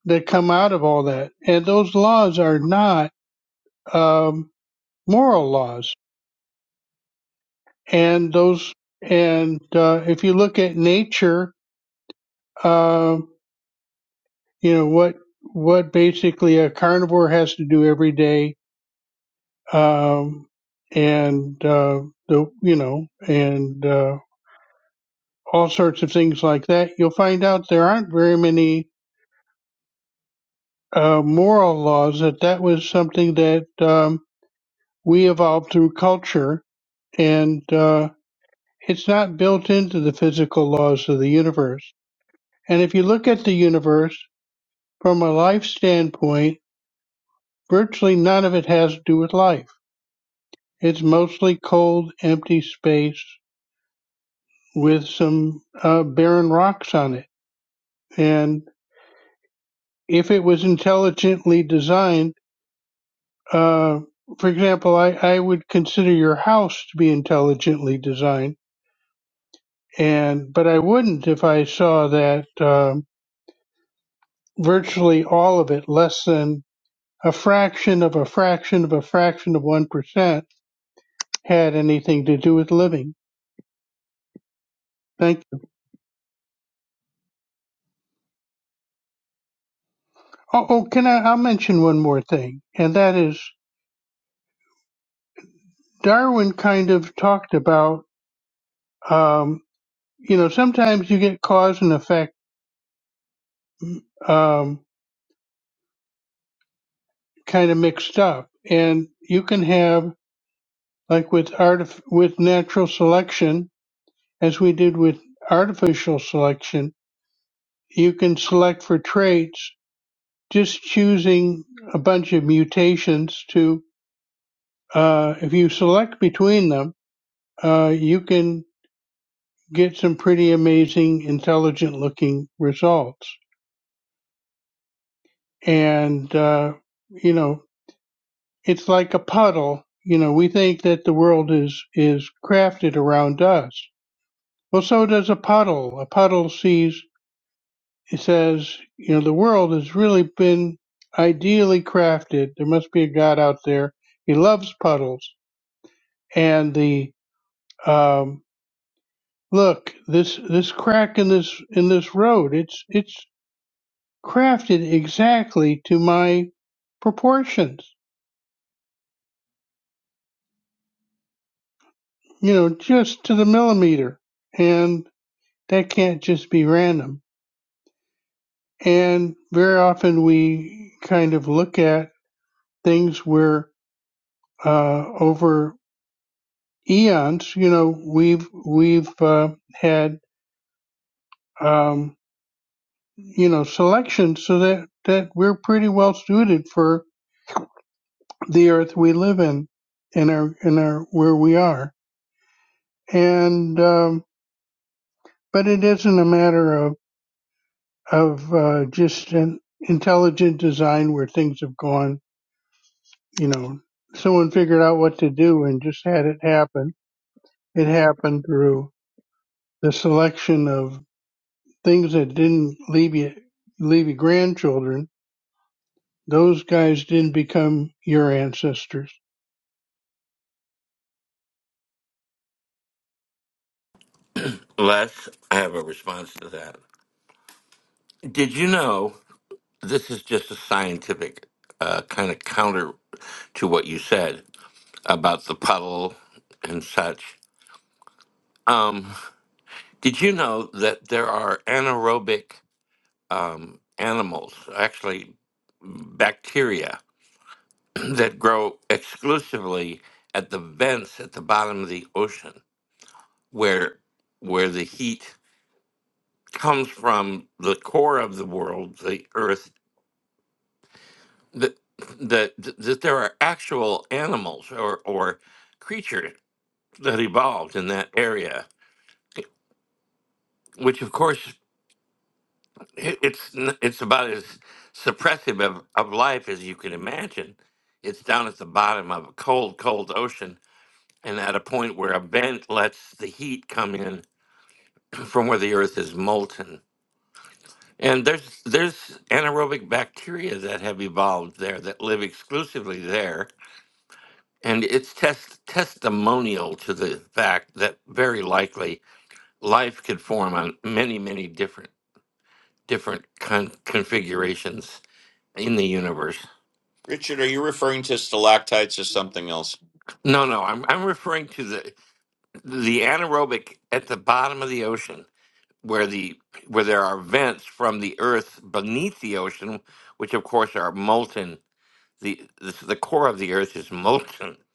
G: that come out of all that. And those laws are not um, moral laws. And those and uh, if you look at nature, um, you know what what basically a carnivore has to do every day, um, and uh, the you know and uh, all sorts of things like that. You'll find out there aren't very many uh, moral laws that that was something that um, we evolved through culture and uh, it's not built into the physical laws of the universe and if you look at the universe from a life standpoint virtually none of it has to do with life it's mostly cold empty space with some uh, barren rocks on it and if it was intelligently designed Uh, for example, I, I would consider your house to be intelligently designed, and but I wouldn't if I saw that um, virtually all of it, less than a fraction of a fraction of a fraction of one percent, had anything to do with living. Thank you. Oh, oh can I? I'll mention one more thing, and that is Darwin kind of talked about. Um, you know, sometimes you get cause and effect um, kind of mixed up, and you can have like with artif- with natural selection, as we did with artificial selection, you can select for traits just choosing a bunch of mutations to uh, if you select between them, uh, you can get some pretty amazing, intelligent looking results. And, uh, you know, it's like a puddle. You know, we think that the world is, is crafted around us. Well, so does a puddle. A puddle sees He says, you know, the world has really been ideally crafted. There must be a God out there. He loves puddles. And the um, look, this this crack in this in this road, it's it's crafted exactly to my proportions. You know, just to the millimeter. And that can't just be random. And very often we kind of look at things where uh, over eons, you know, we've we've uh, had um, you know selections so that that we're pretty well suited for the earth we live in, in our in our where we are. And um, but it isn't a matter of of uh, just an intelligent design where things have gone, you know, someone figured out what to do and just had it happen. It happened through the selection of things that didn't leave you leave your grandchildren Those guys didn't become your ancestors.
B: Les, I have a response to that. Did you know this is just a scientific uh, kind of counter to what you said? about the puddle and such. Um, did you know that there are anaerobic um, animals, actually bacteria, that grow exclusively at the vents at the bottom of the ocean, where where the heat comes from the core of the world, the Earth. That that that there are actual animals or or creatures that evolved in that area which of course it, it's n- it's about as suppressive of, of life as you can imagine. It's down at the bottom of a cold, cold ocean, and at a point where a vent lets the heat come in from where the earth is molten. And there's there's anaerobic bacteria that have evolved there that live exclusively there. And it's test, testimonial to the fact that very likely life could form on many, many different different con- configurations in the universe.
A: Richard, are you referring to stalactites or something else?
B: No, no, I'm I'm referring to the the anaerobic at the bottom of the ocean where the where there are vents from the earth beneath the ocean, which of course are molten. The the, the core of the earth is molten.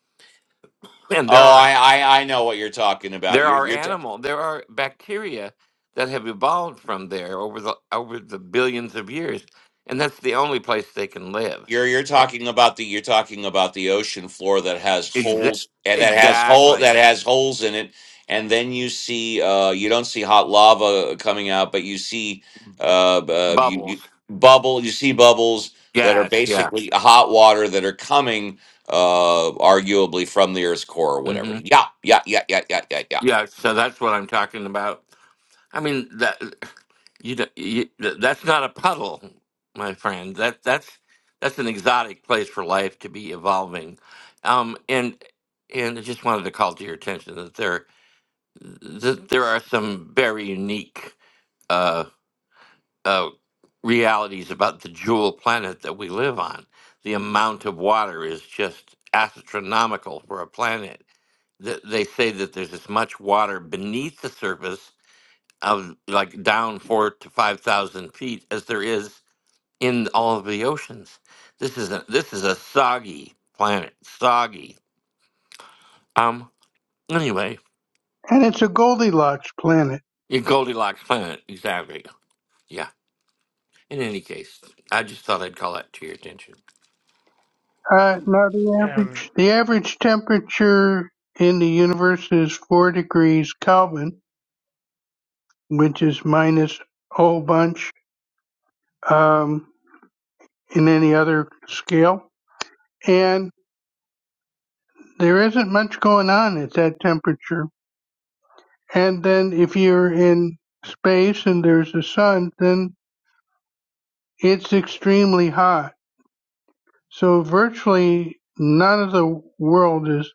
B: And there
A: Oh,
B: are
A: I I, I know what you're talking about.
B: there
A: You're
B: are
A: you're
B: animal there are bacteria that have evolved from there over the over the billions of years. And that's the only place they can live.
A: You're you're
B: E-
A: talking about the you're talking about the ocean floor that has
B: Exa-
A: holes and that has hole that
B: exactly.
A: has holes in it, and then you see uh, you don't see hot lava coming out, but you see uh, uh, you, you
B: Bubbles.
A: bubble you see bubbles that are
B: Gas, yeah.
A: basically hot water that are coming uh, arguably from the Earth's core or
B: Mm-hmm.
A: whatever. Yeah, yeah, yeah, yeah, yeah, yeah, yeah.
B: Yeah, so that's what I'm talking about. I mean that you, d- you that's not a puddle, my friend. That that's that's an exotic place for life to be evolving. Um, and and I just wanted to call to your attention that there that there are some very unique. uh, uh, realities about the jewel planet that we live on. The amount of water is just astronomical for a planet. Th- They say that there's as much water beneath the surface of like down four to five thousand feet as there is in all of the oceans. This is a this is a soggy planet. Soggy. Um. Anyway,
G: And it's a Goldilocks planet.
B: your Goldilocks planet. Exactly. Yeah. In any case, I just thought I'd call that to your attention.
G: Uh, now the
H: Um,
G: average the average temperature in the universe is four degrees Kelvin, which is minus a whole bunch um, in any other scale. And there isn't much going on at that temperature. And then if you're in space and there's a sun, then it's extremely hot. So virtually none of the world is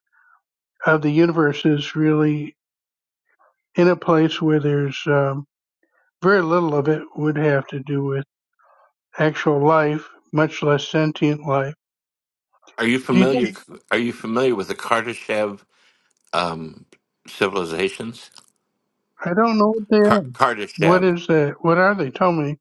G: of the universe is really in a place where there's um, very little of it would have to do with actual life, much less sentient life.
B: Are you
G: Do you think,
B: familiar? Are you familiar with the Kardashev um, civilizations?
G: I don't know what they
B: Kar-
G: are. What
B: Kardashev.
G: is that? What are they? Tell me.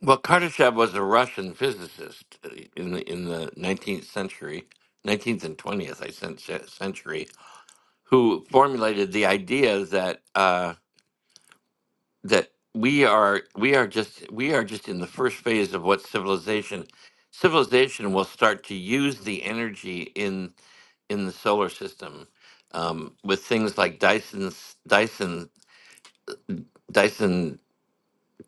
B: Well, Kardashev was a Russian physicist in the in the nineteenth century, nineteenth and twentieth, I cen- century, who formulated the idea that. uh, that we are we are just we are just in the first phase of what civilization civilization will start to use the energy in in the solar system um, with things like Dyson's Dyson Dyson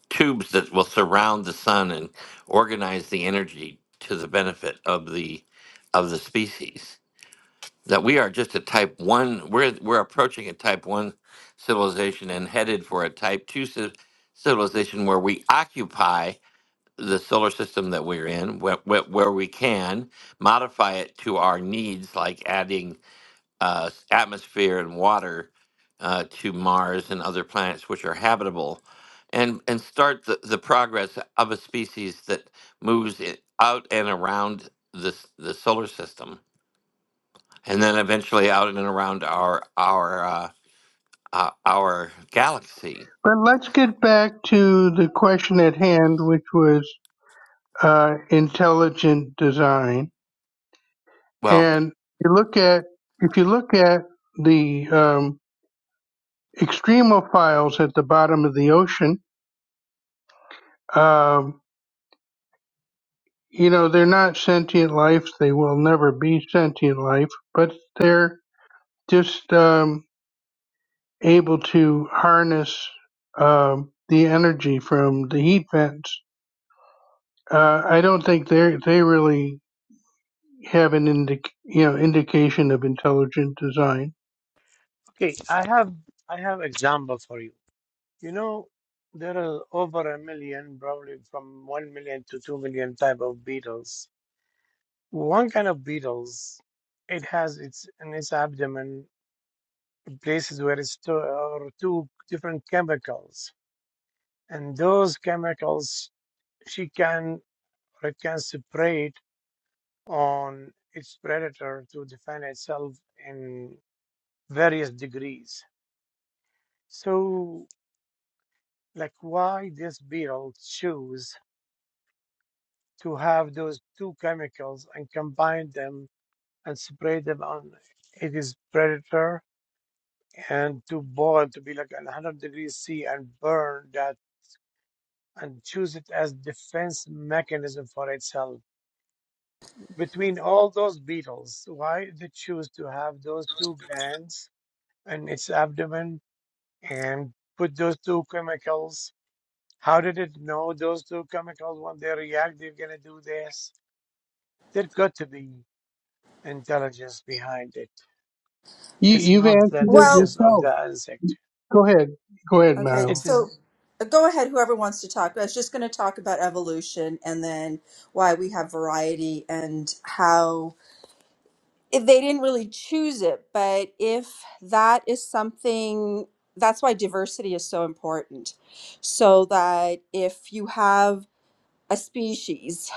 B: tubes that will surround the sun and organize the energy to the benefit of the of the species that we are just a type one. We're we're approaching a type one civilization and headed for a type two ci- civilization where we occupy the solar system that we're in, where, where, where we can modify it to our needs, like adding uh, s- atmosphere and water uh, to Mars and other planets which are habitable, and and start the, the progress of a species that moves it out and around this the solar system and then eventually out and around our our uh, uh, our galaxy.
G: But let's get back to the question at hand, which was uh, intelligent design.
B: Well,
G: And you look at if you look at the um, extremophiles at the bottom of the ocean, uh, You know, they're not sentient life. They will never be sentient life, but they're just um, able to harness um, the energy from the heat vents. Uh, I don't think they they really have an indic you know indication of intelligent design.
H: okay, I have I have example for you. You know, there are over a million, probably from 1 million to 2 million type of beetles. One kind of beetles, it has its in its abdomen places where it store two different chemicals, and those chemicals she can or it can separate on its predator to defend itself in various degrees. So, like, why this beetle choose? to have those two chemicals and combine them and spray them on it is predator and to boil to be like 100 degrees C and burn that and choose it as defense mechanism for itself between all those beetles why they choose to have those two glands in its abdomen and put those two chemicals how did it know those two chemicals when they react they're going to do this there got to be intelligence behind it
G: You,
H: It's
G: you've
H: not
G: answered
H: the
G: it
E: Well,
H: intelligence of
G: yourself.
H: the insect.
G: Go ahead, go ahead,
E: Okay,
H: It
G: Mal.
H: is
E: so uh, go ahead, whoever wants to talk. I was just going to talk about evolution and then why we have variety and how if they didn't really choose it, but if that is something, that's why diversity is so important. So that if you have a species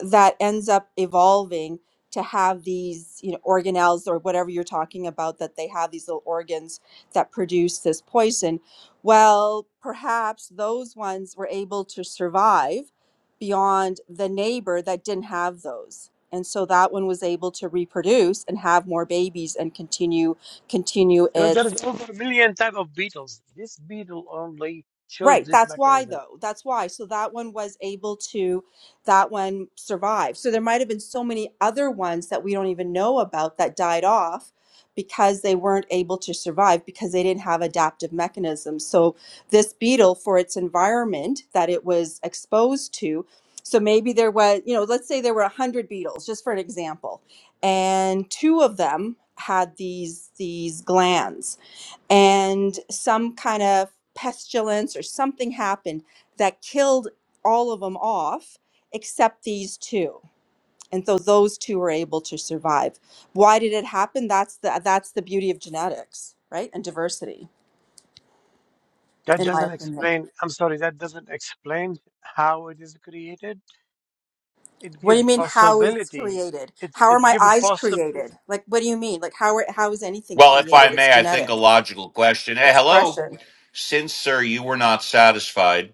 E: that ends up evolving to have these you know organelles or whatever you're talking about that they have these little organs that produce this poison well perhaps those ones were able to survive beyond the neighbor that didn't have those and so that one was able to reproduce and have more babies and continue continue
H: you know,
E: its.
H: there is over a million type of beetles. This beetle only shows
E: Right.
H: this
E: That's why,
H: mechanism.
E: though. That's why. So that one was able to, that one survived. So there might have been so many other ones that we don't even know about that died off because they weren't able to survive because they didn't have adaptive mechanisms. So this beetle, for its environment that it was exposed to, so maybe there was, you know, let's say there were 100 beetles, just for an example, and two of them had these these glands and some kind of pestilence or something happened that killed all of them off except these two and so those two were able to survive why did it happen that's the that's the beauty of genetics right and diversity
H: That
E: in my
H: doesn't
E: opinion
H: explain. I'm sorry. That doesn't explain how it is created. It
E: what do
H: gives
E: you mean how is
H: possibility.
E: created
H: It
E: how are
H: it
E: my
H: give a
E: eyes
H: possible.
E: created like what do you mean like how are, how is anything
A: Well, if I
E: created it's
A: may, I think a
E: genetic
A: logical question. Hey, hello.
E: expression
A: Since, sir, you were not satisfied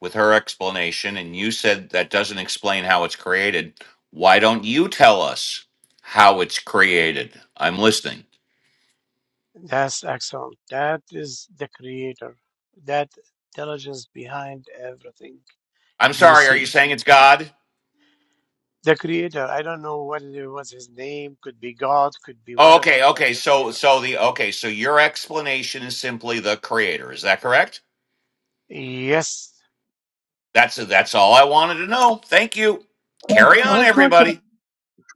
A: with her explanation and you said that doesn't explain how it's created, why don't you tell us how it's created? I'm listening.
H: That's excellent. That is the creator. That intelligence behind everything
A: I'm
H: you
A: sorry, are you
H: see.
A: saying it's God?
H: The creator. I don't know what it was. His name could be God. Could be
A: Oh,
H: whatever.
A: okay,
H: But
A: okay.
H: the
A: So
H: creator.
A: so the okay, so your explanation is simply the creator. Is that correct?
H: Yes,
A: That's that's all I wanted to know. Thank you. Carry on
H: Welcome.
G: Let's look
A: everybody.
G: at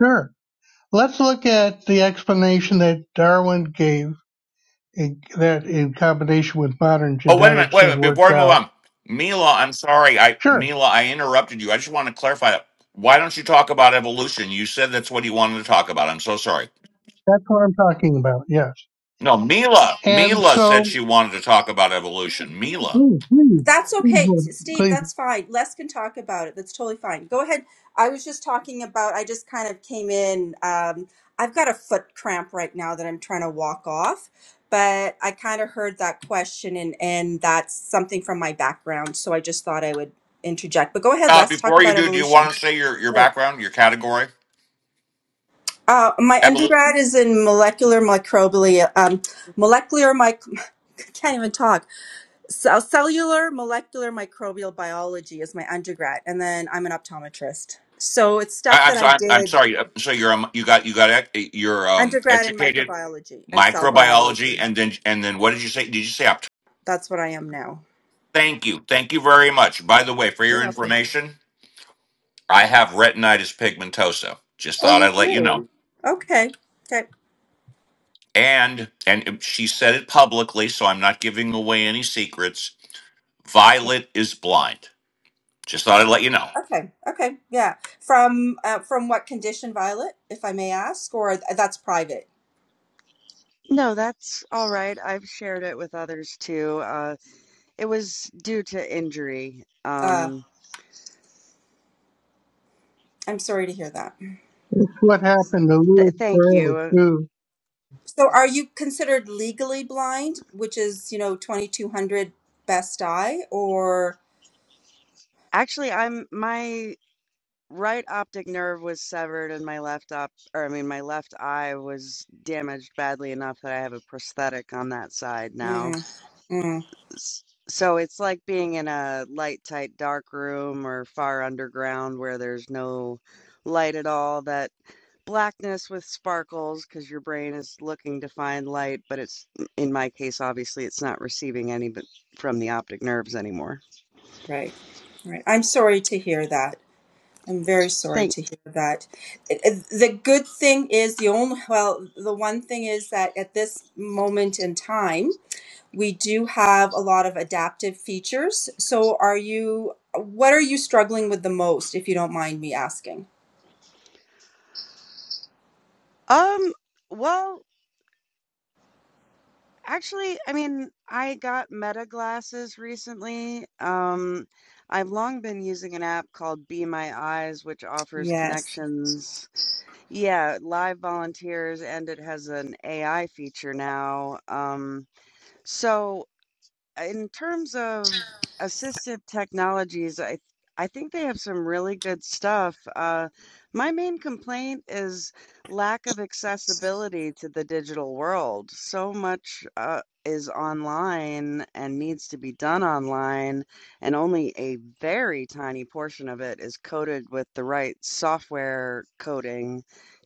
G: sure. Let's look at the explanation that Darwin gave in, that in combination with modern
A: Oh, wait a minute,
G: genetics
A: wait a
G: is
A: minute. Before
G: worked
A: we move
G: out.
A: on, Mila, I'm sorry, I
G: Sure,
A: Mila, I interrupted you. I just want to clarify that. Why don't you talk about evolution? You said that's what you wanted to talk about. I'm so sorry.
G: that's what I'm talking about. Yes,
A: No, Mila,
G: and
A: Mila said
G: so
A: she wanted to talk about evolution. Mila,
G: ooh, please,
E: That's
G: please,
E: okay,
G: what-
E: Steve.
G: please,
E: That's fine. Les can talk about it. That's totally fine. Go ahead. I was just talking about, I just kind of came in. Um, I've got a foot cramp right now that I'm trying to walk off, but I kind of heard that question and, and that's something from my background. So I just thought I would interject. But go ahead,
A: uh,
E: Les, talk
A: before you
E: about
A: do, do you
E: evolution.
A: want to say your your
E: Sure.
A: background, your category?
E: Uh, my
A: Evolution.
E: undergrad is in molecular microbial, um, molecular mic. I can't even talk. So cellular molecular microbial biology is my undergrad, and then I'm an optometrist. So it's stuff
A: I,
E: that
A: I'm
E: I
A: sorry. I'm
E: did
A: sorry. Uh, So you're um, you got you got ec- you're um
E: undergrad in
A: educated
E: microbiology and cell biology.
A: microbiology, and then and then what did you say? Did you say opt-
E: That's what I am now.
A: Thank you. Thank you very much. By the way, for your
E: You're welcome.
A: information, I have retinitis pigmentosa. Just
E: Oh,
A: thought
E: you
A: I'd let you know.
E: do. Okay. Okay.
A: And and she said it publicly, so I'm not giving away any secrets.
E: Yeah.
A: Violet is blind. Just thought I'd let you know.
E: Okay. Okay. Yeah. From uh, from what condition, Violet, if I may ask, or th- that's private.
C: No, that's all right. I've shared it with others too. Uh, it was due to injury.
E: Uh,
C: Um,
E: I'm sorry to hear that.
G: what happened to
C: th
G: Lewis
C: thank
G: Carroll
C: you.
G: too?
E: So, are you considered legally blind, which is you know 2200 best eye, or?
C: Actually, I'm my right optic nerve was severed and my left op, or I mean, my left eye was damaged badly enough that I have a prosthetic on that side now.
E: Mm, mm,
C: S- So it's like being in a light, tight, dark room or far underground where there's no light at all that blackness with sparkles because your brain is looking to find light, but it's in my case, obviously, it's not receiving any but from the optic nerves anymore.
E: right, right. I'm sorry to hear that. I'm very sorry
C: Thank.
E: to hear that. It- it- The good thing is the only well, the one thing is that at this moment in time, we do have a lot of adaptive features. So, are you? What are you struggling with the most, if you don't mind me asking?
C: Um. Well, actually, I mean, I got Meta glasses recently. Um, I've long been using an app called Be My Eyes, which offers
E: Yes.
C: connections. Yeah, live volunteers, and it has an AI feature now. Um. So in terms of assistive technologies, I I think they have some really good stuff. Uh, my main complaint is lack of accessibility to the digital world. So much uh, is online and needs to be done online, and only a very tiny portion of it is coded with the right software coding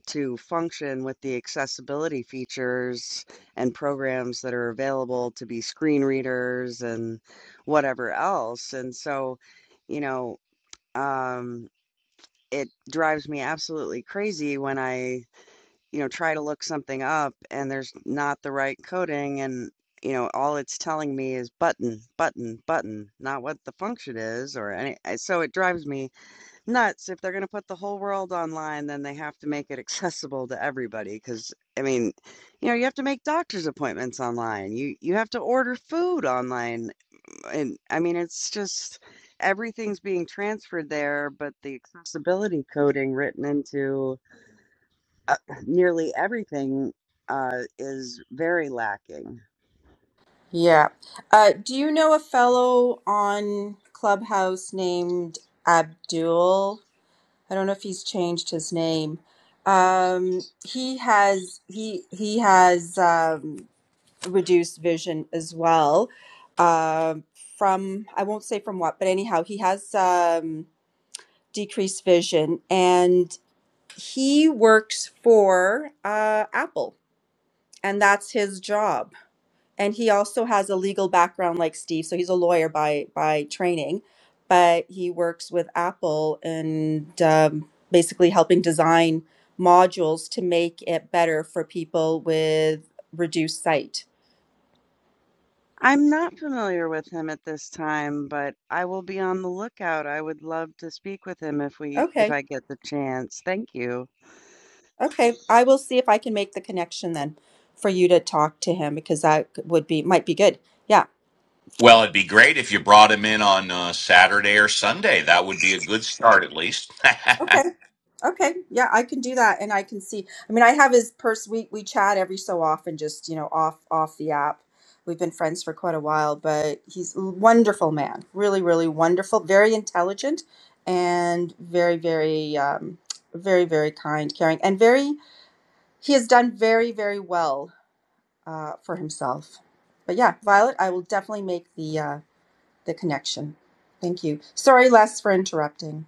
C: to function with the accessibility features and programs that are available to be screen readers and whatever else. And so, you know, um, it drives me absolutely crazy when I, you know, try to look something up and there's not the right coding and you know all it's telling me is button button button not what the function is or any eh, so it drives me nuts. If they're going to put the whole world online, then they have to make it accessible to everybody. Because I mean, you know, you have to make doctor's appointments online. You you have to order food online, and I mean, it's just everything's being transferred there. But the accessibility coding written into uh, nearly everything uh, is very lacking.
E: Yeah. Uh, do you know a fellow on Clubhouse named Abdul? I don't know if he's changed his name. Um, he has he he has um, reduced vision as well. Um, from I won't say from what, but anyhow, he has um, decreased vision, and he works for uh, Apple, and that's his job and he also has a legal background like Steve, so he's a lawyer by by training, but he works with Apple and um, basically helping design modules to make it better for people with reduced sight.
C: I'm not familiar with him at this time, but I will be on the lookout. I would love to speak with him if we if
E: Okay,
C: I get the chance. Thank you.
E: okay, I will see if I can make the connection then for you to talk to him because that would be might be good. Yeah.
A: Well, it'd be great if you brought him in on uh, Saturday or Sunday. That would be a good start, at least.
E: Okay. Okay, yeah, I can do that, and I can see. I mean, I have his purse. We we chat every so often, just you know, off off the app. We've been friends for quite a while, but he's a wonderful man. Really, really wonderful. Very intelligent, and very, very, um, very, very kind, caring, and very. He has done very, very well uh, for himself. But yeah, Violet, I will definitely make the uh, the connection. Thank you. Sorry, Les, for interrupting.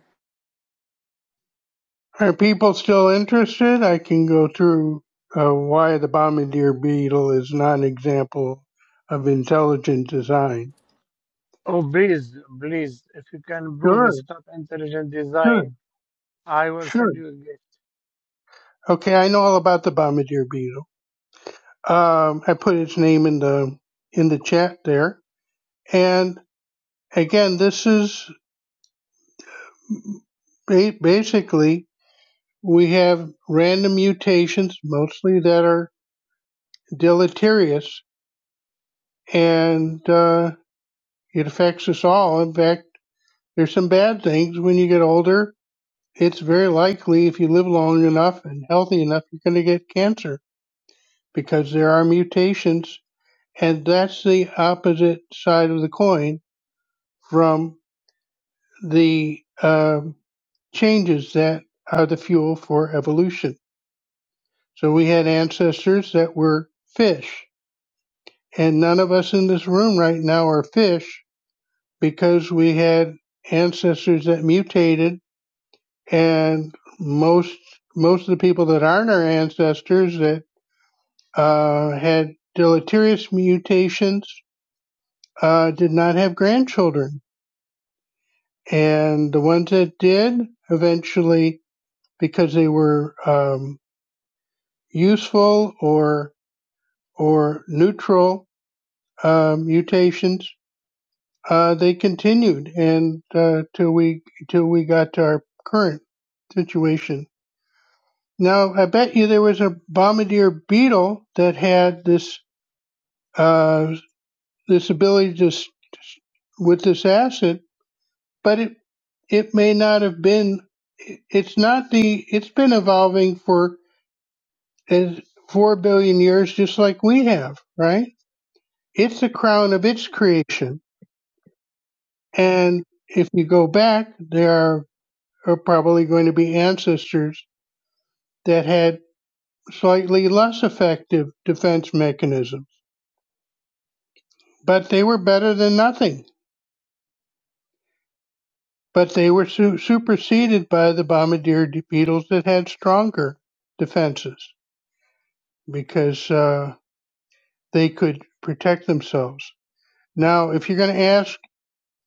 G: Are people still interested? I can go through uh, why the bombardier beetle is not an example of intelligent design.
H: Oh, please, please, if you can prove
G: Sure,
H: it's not intelligent
G: sure,
H: design, I will send
G: sure.
H: you a gift.
G: Okay, I know all about the bombardier beetle. Um, I put its name in the in the chat there. And Again, this is ba- basically we have random mutations, mostly that are deleterious, and uh, it affects us all. In fact, there's some bad things when you get older. It's very likely if you live long enough and healthy enough, you're going to get cancer because there are mutations, and that's the opposite side of the coin from the um changes that are the fuel for evolution. So we had ancestors that were fish. And none of us in this room right now are fish because we had ancestors that mutated and most most of the people that aren't our ancestors that uh, had deleterious mutations uh, did not have grandchildren. And the ones that did eventually, because they were um, useful or or neutral uh, mutations, Uh, they continued and uh, till we till we got to our current situation. Now I bet you there was a bombardier beetle that had this uh, this ability to s- with this acid, but it it may not have been. It's not the. It's been evolving for as four billion years, just like we have, right? It's the crown of its creation, and if you go back, there are are probably going to be ancestors that had slightly less effective defense mechanisms. But they were better than nothing. But they were su- superseded by the bombardier beetles that had stronger defenses because uh, they could protect themselves. Now, if you're going to ask,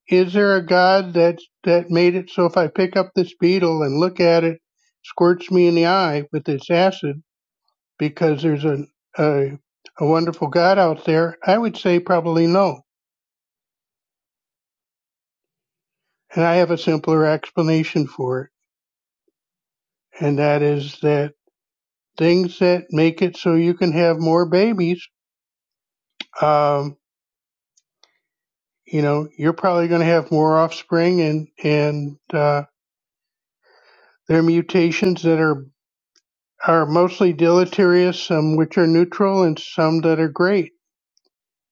G: is there a god that that made it so if I pick up this beetle and look at it, squirts me in the eye with its acid? because there's a, a a wonderful God out there? I would say probably no. And I have a simpler explanation for it, and that is that things that make it so you can have more babies, um, you know, you're probably going to have more offspring, and and uh, there are mutations that are are mostly deleterious, some which are neutral, and some that are great.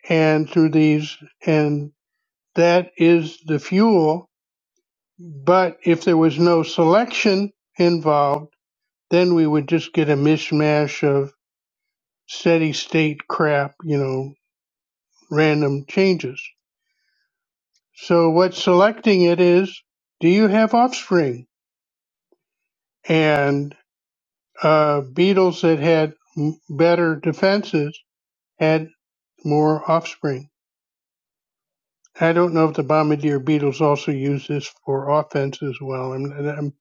G: And through these, and that is the fuel But if there was no selection involved, then we would just get a mishmash of steady state crap, you know, random changes. So what selecting it is, do you have offspring? And uh, beetles that had m- better defenses had more offspring. I don't know if the bombardier beetles also use this for offense as well. I'm, I'm,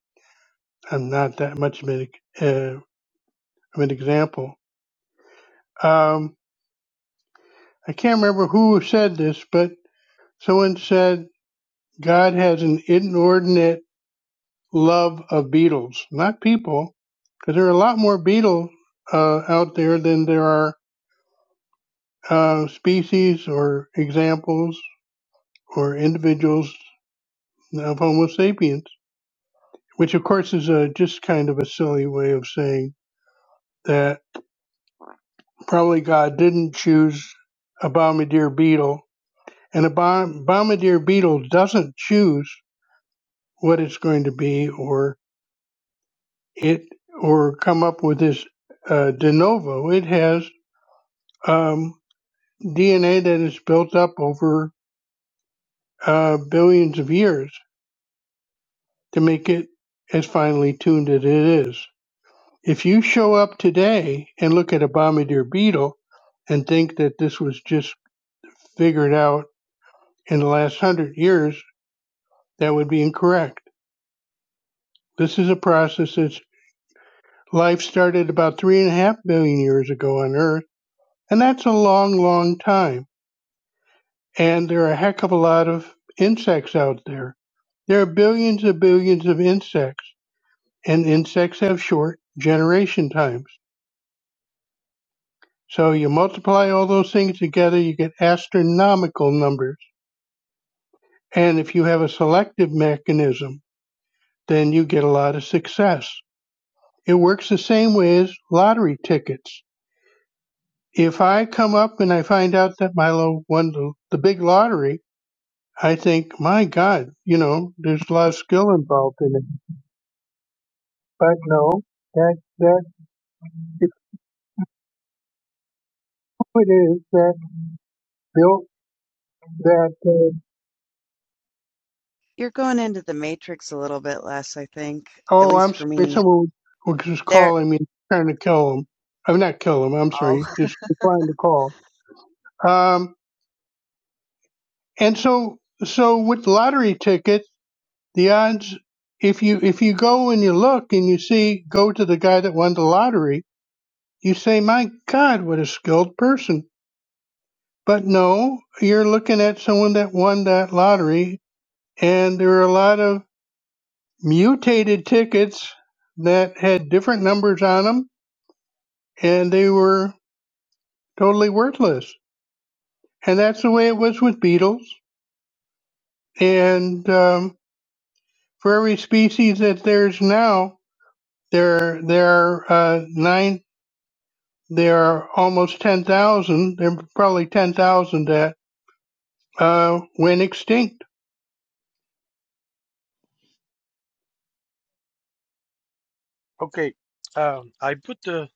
G: I'm not that much of an, uh, of an example. Um, I can't remember who said this, but someone said God has an inordinate love of beetles, not people, because there are a lot more beetles uh, out there than there are uh, species or examples or individuals of Homo sapiens, which of course is a, just kind of a silly way of saying that probably God didn't choose a bombardier beetle, and a bom- bombardier beetle doesn't choose what it's going to be or it or come up with this uh, de novo. It has um, DNA that is built up over uh, billions of years to make it as finely tuned as it is. If you show up today and look at a bombardier beetle and think that this was just figured out in the last hundred years, that would be incorrect. This is a process that's life started about three and a half billion years ago on Earth, and that's a long, long time and there are a heck of a lot of insects out there. There are billions and billions of insects, and insects have short generation times. So you multiply all those things together, you get astronomical numbers. And if you have a selective mechanism, then you get a lot of success. It works the same way as lottery tickets. If I come up and I find out that Milo won the, the big lottery, I think, my God, you know, there's a lot of skill involved in it But no, that that the point is that built that. Uh,
C: You're going into the matrix a little bit less, I think, at
G: oh,
C: least
G: I'm
C: for
G: sorry.
C: me.
G: Someone was was
C: There,
G: calling me, trying to kill him. I'm not kill him. I'm
C: oh,
G: sorry. Just trying to call. Um, and so so with lottery tickets, the odds. If you if you go and you look and you see go to the guy that won the lottery, you say, "My God, what a skilled person!" But no, you're looking at someone that won that lottery, and there are a lot of mutated tickets that had different numbers on them and they were totally worthless. And that's the way it was with beetles. And um, for every species that there's now, there there are uh, nine, there are almost ten thousand. There are probably ten thousand that uh, went extinct.
H: Okay. Um, I put the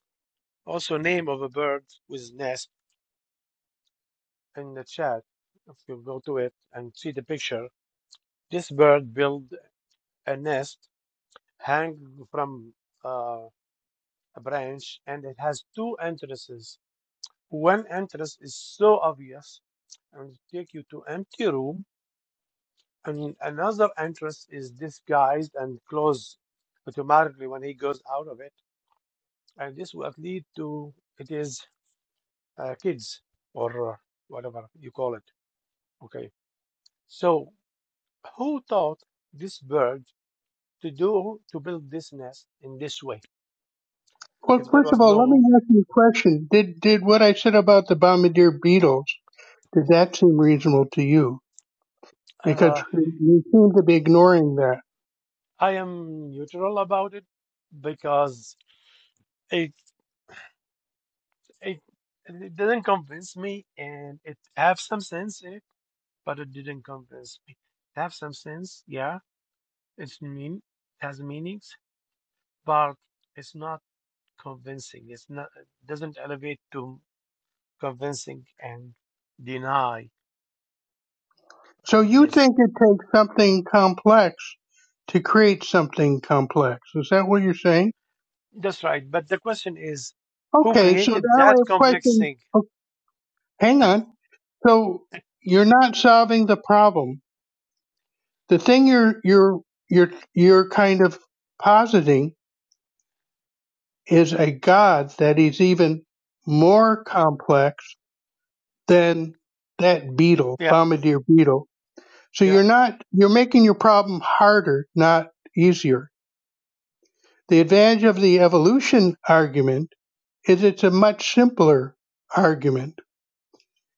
H: also name of a bird with nest in the chat. If you go to it and see the picture, this bird built a nest hang from uh, a branch, and it has two entrances. One entrance is so obvious and take you to empty room And another entrance is disguised and closed automatically when he goes out of it. And this will lead to it is uh, kids or uh, whatever you call it. Okay. So who taught this bird to do to build this nest in this way?
G: Well,
H: If there
G: first
H: was
G: of all, let me
H: no,
G: ask you a question. Did did what I said about the bombardier beetles? Did that seem reasonable to you? because
H: uh,
G: you seem to be ignoring that.
H: I am neutral about it because it it, it doesn't convince me and it have some sense but it didn't convince me. It have some sense, yeah. It's mean, it has meanings, but it's not convincing. It's not it doesn't elevate to convincing and deny uh,
G: So you
H: this.
G: think it takes something complex to create something complex. Is that what you're saying?
H: That's right. But the question is, who
G: Okay, so now
H: created
G: I
H: that
G: have a
H: complex
G: question.
H: thing?
G: oh, Hang on. So you're not solving the problem. The thing you're you're you're you're kind of positing is a god that is even more complex than that beetle,
H: Yeah,
G: bombardier beetle, So
H: yeah.
G: you're not you're making your problem harder, not easier. The advantage of the evolution argument is it's a much simpler argument.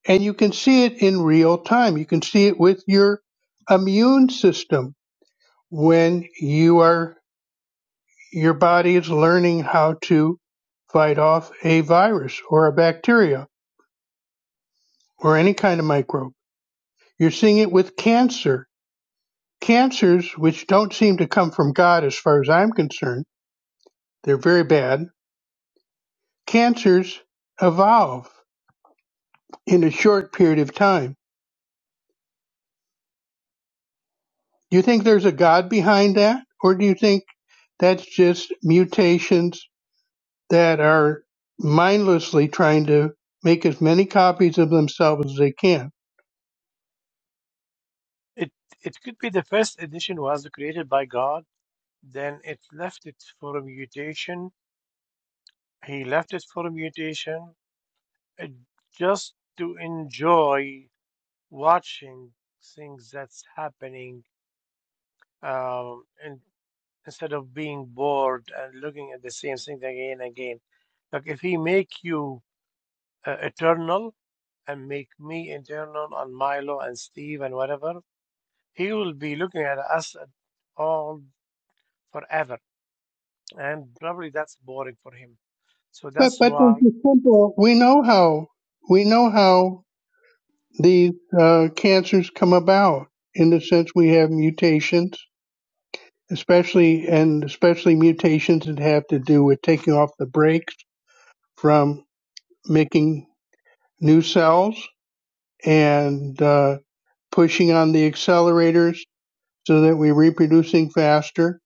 G: And you can see it in real time. You can see it with your immune system when you are your body is learning how to fight off a virus or a bacteria or any kind of microbe. You're seeing it with cancer. Cancers, which don't seem to come from God as far as I'm concerned, they're very bad Cancers evolve in a short period of time. Do you think there's a God behind that? Or do you think that's just mutations that are mindlessly trying to make as many copies of themselves as they can?
H: It it could be the first edition was created by God. Then it left it for a mutation. He left it for a mutation. It just to enjoy watching things that's happening um, and instead of being bored and looking at the same thing again and again. Like if he make you uh, eternal and make me eternal and Milo and Steve and whatever, he will be looking at us all forever, and probably that's boring for him. So
G: But
H: that's
G: but there's
H: why.
G: a simple we know how we know how these uh, cancers come about in the sense we have mutations, especially and especially mutations that have to do with taking off the brakes from making new cells and uh, pushing on the accelerators so that we're reproducing faster.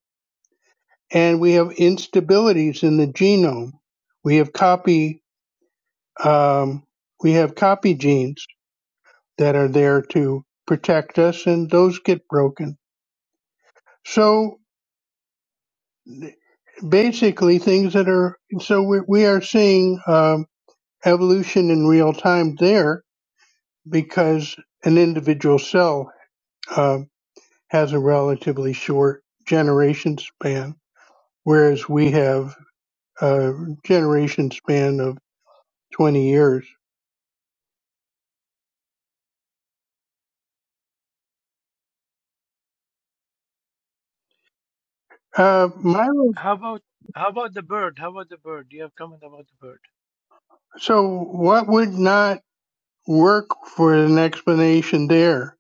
G: And we have instabilities in the genome. We have copy um, we have copy genes that are there to protect us, and those get broken. So basically, things that are so we, we are seeing um, evolution in real time there because an individual cell. uh, has a relatively short generation span, whereas we have a generation span of 20 years. Uh, my,
H: How about how about the bird? How about the bird? Do you have comment about the bird?
G: so what would not work for an explanation there?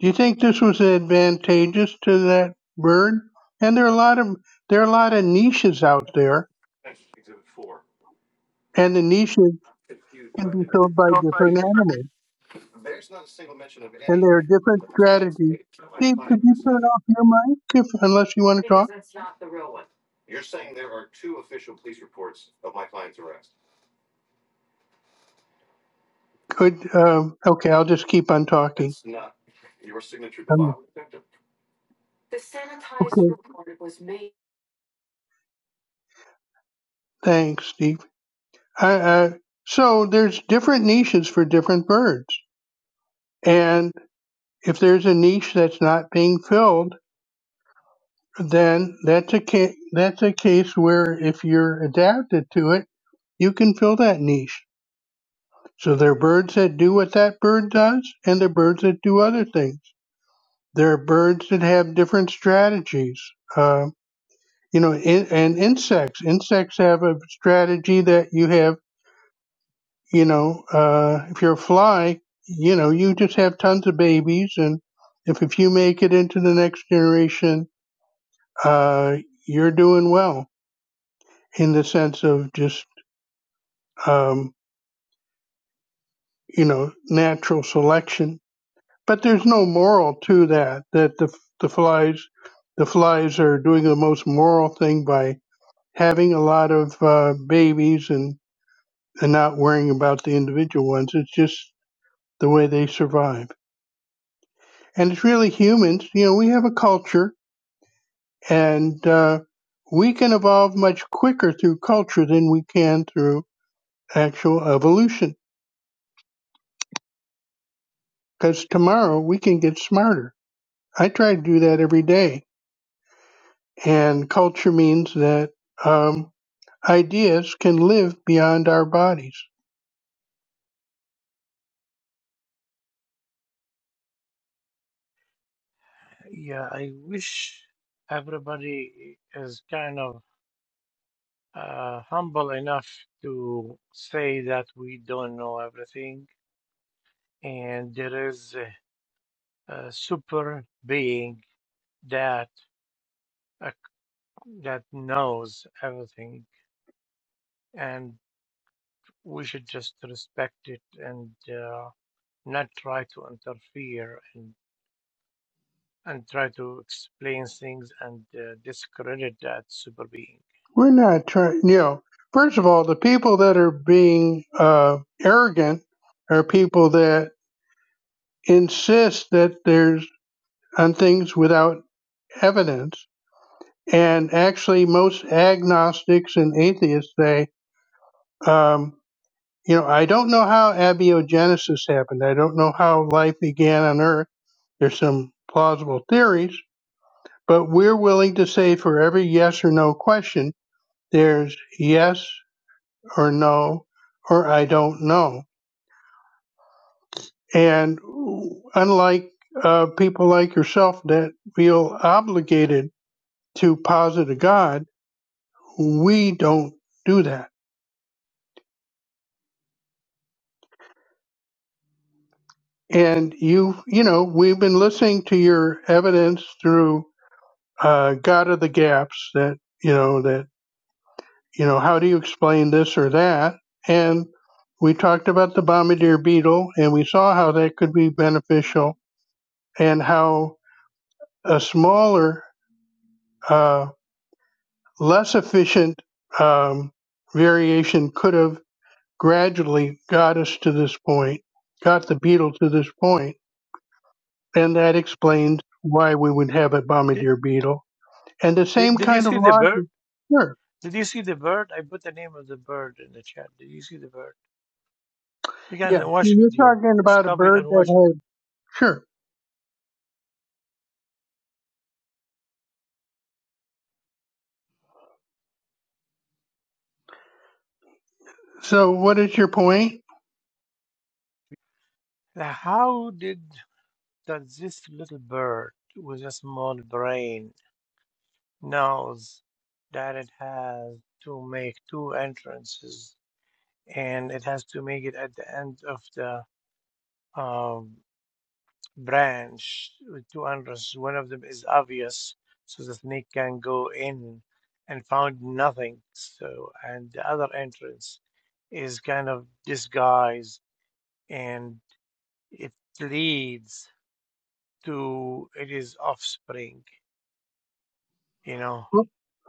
G: Do you think this was advantageous to that bird? And there are a lot of there are a lot of niches out there, and the niches can be filled by different animals, and there are different strategies. Steve, could you turn off your mic if, unless you want to talk? Good. Um, okay, I'll just keep on talking. Um, okay. Thanks, Steve. I, I, so there's different niches for different birds, and if there's a niche that's not being filled, then that's a ca- that's a case where if you're adapted to it, you can fill that niche. So there are birds that do what that bird does, and there are birds that do other things. There are birds that have different strategies. Uh, you know in, and insects insects have a strategy that you have you know uh, if you're a fly you know you just have tons of babies and if, if you make it into the next generation uh, you're doing well in the sense of just um, you know natural selection but there's no moral to that that the, the flies the flies are doing the most moral thing by having a lot of uh, babies and and not worrying about the individual ones. It's just the way they survive. And it's really humans. You know, we have a culture and uh, we can evolve much quicker through culture than we can through actual evolution because tomorrow we can get smarter. I try to do that every day. And culture means that um, ideas can live beyond our bodies.
H: Yeah, I wish everybody is kind of uh, humble enough to say that we don't know everything, and there is a, a super being that uh, that knows everything, and we should just respect it and uh, not try to interfere and and try to explain things and uh, discredit that super being.
G: We're not trying, you know, first of all, the people that are being uh, arrogant are people that insists that there's on things without evidence. And actually, most agnostics and atheists say, um, you know, I don't know how abiogenesis happened. I don't know how life began on Earth. There's some plausible theories, but we're willing to say for every yes or no question, there's yes or no or I don't know. And unlike uh, people like yourself that feel obligated to positive God. We don't do that. And you, you know, we've been listening to your evidence through uh, God of the gaps that, you know, that, you know, how do you explain this or that? And we talked about the bombardier beetle and we saw how that could be beneficial and how a smaller, uh, less efficient um, variation could have gradually got us to this point, got the beetle to this point and that explains why we would have a
H: Did,
G: bombardier beetle. And the
H: did,
G: same
H: did you
G: kind of
H: see the bird?
G: logic, sure,
H: Did you see the bird? I put the name of the bird in the chat. Did you see the bird? You
G: yeah.
H: can watch
G: You're
H: video.
G: talking
H: Just
G: about a
H: copy it
G: bird
H: and
G: that
H: watch.
G: has, sure. So what is your point?
H: How did that this little bird with a small brain knows that it has to make two entrances and it has to make it at the end of the um, branch with two entrances. One of them is obvious, so the snake can go in and found nothing. So, and the other entrance is kind of disguised and it leads to its offspring. You know,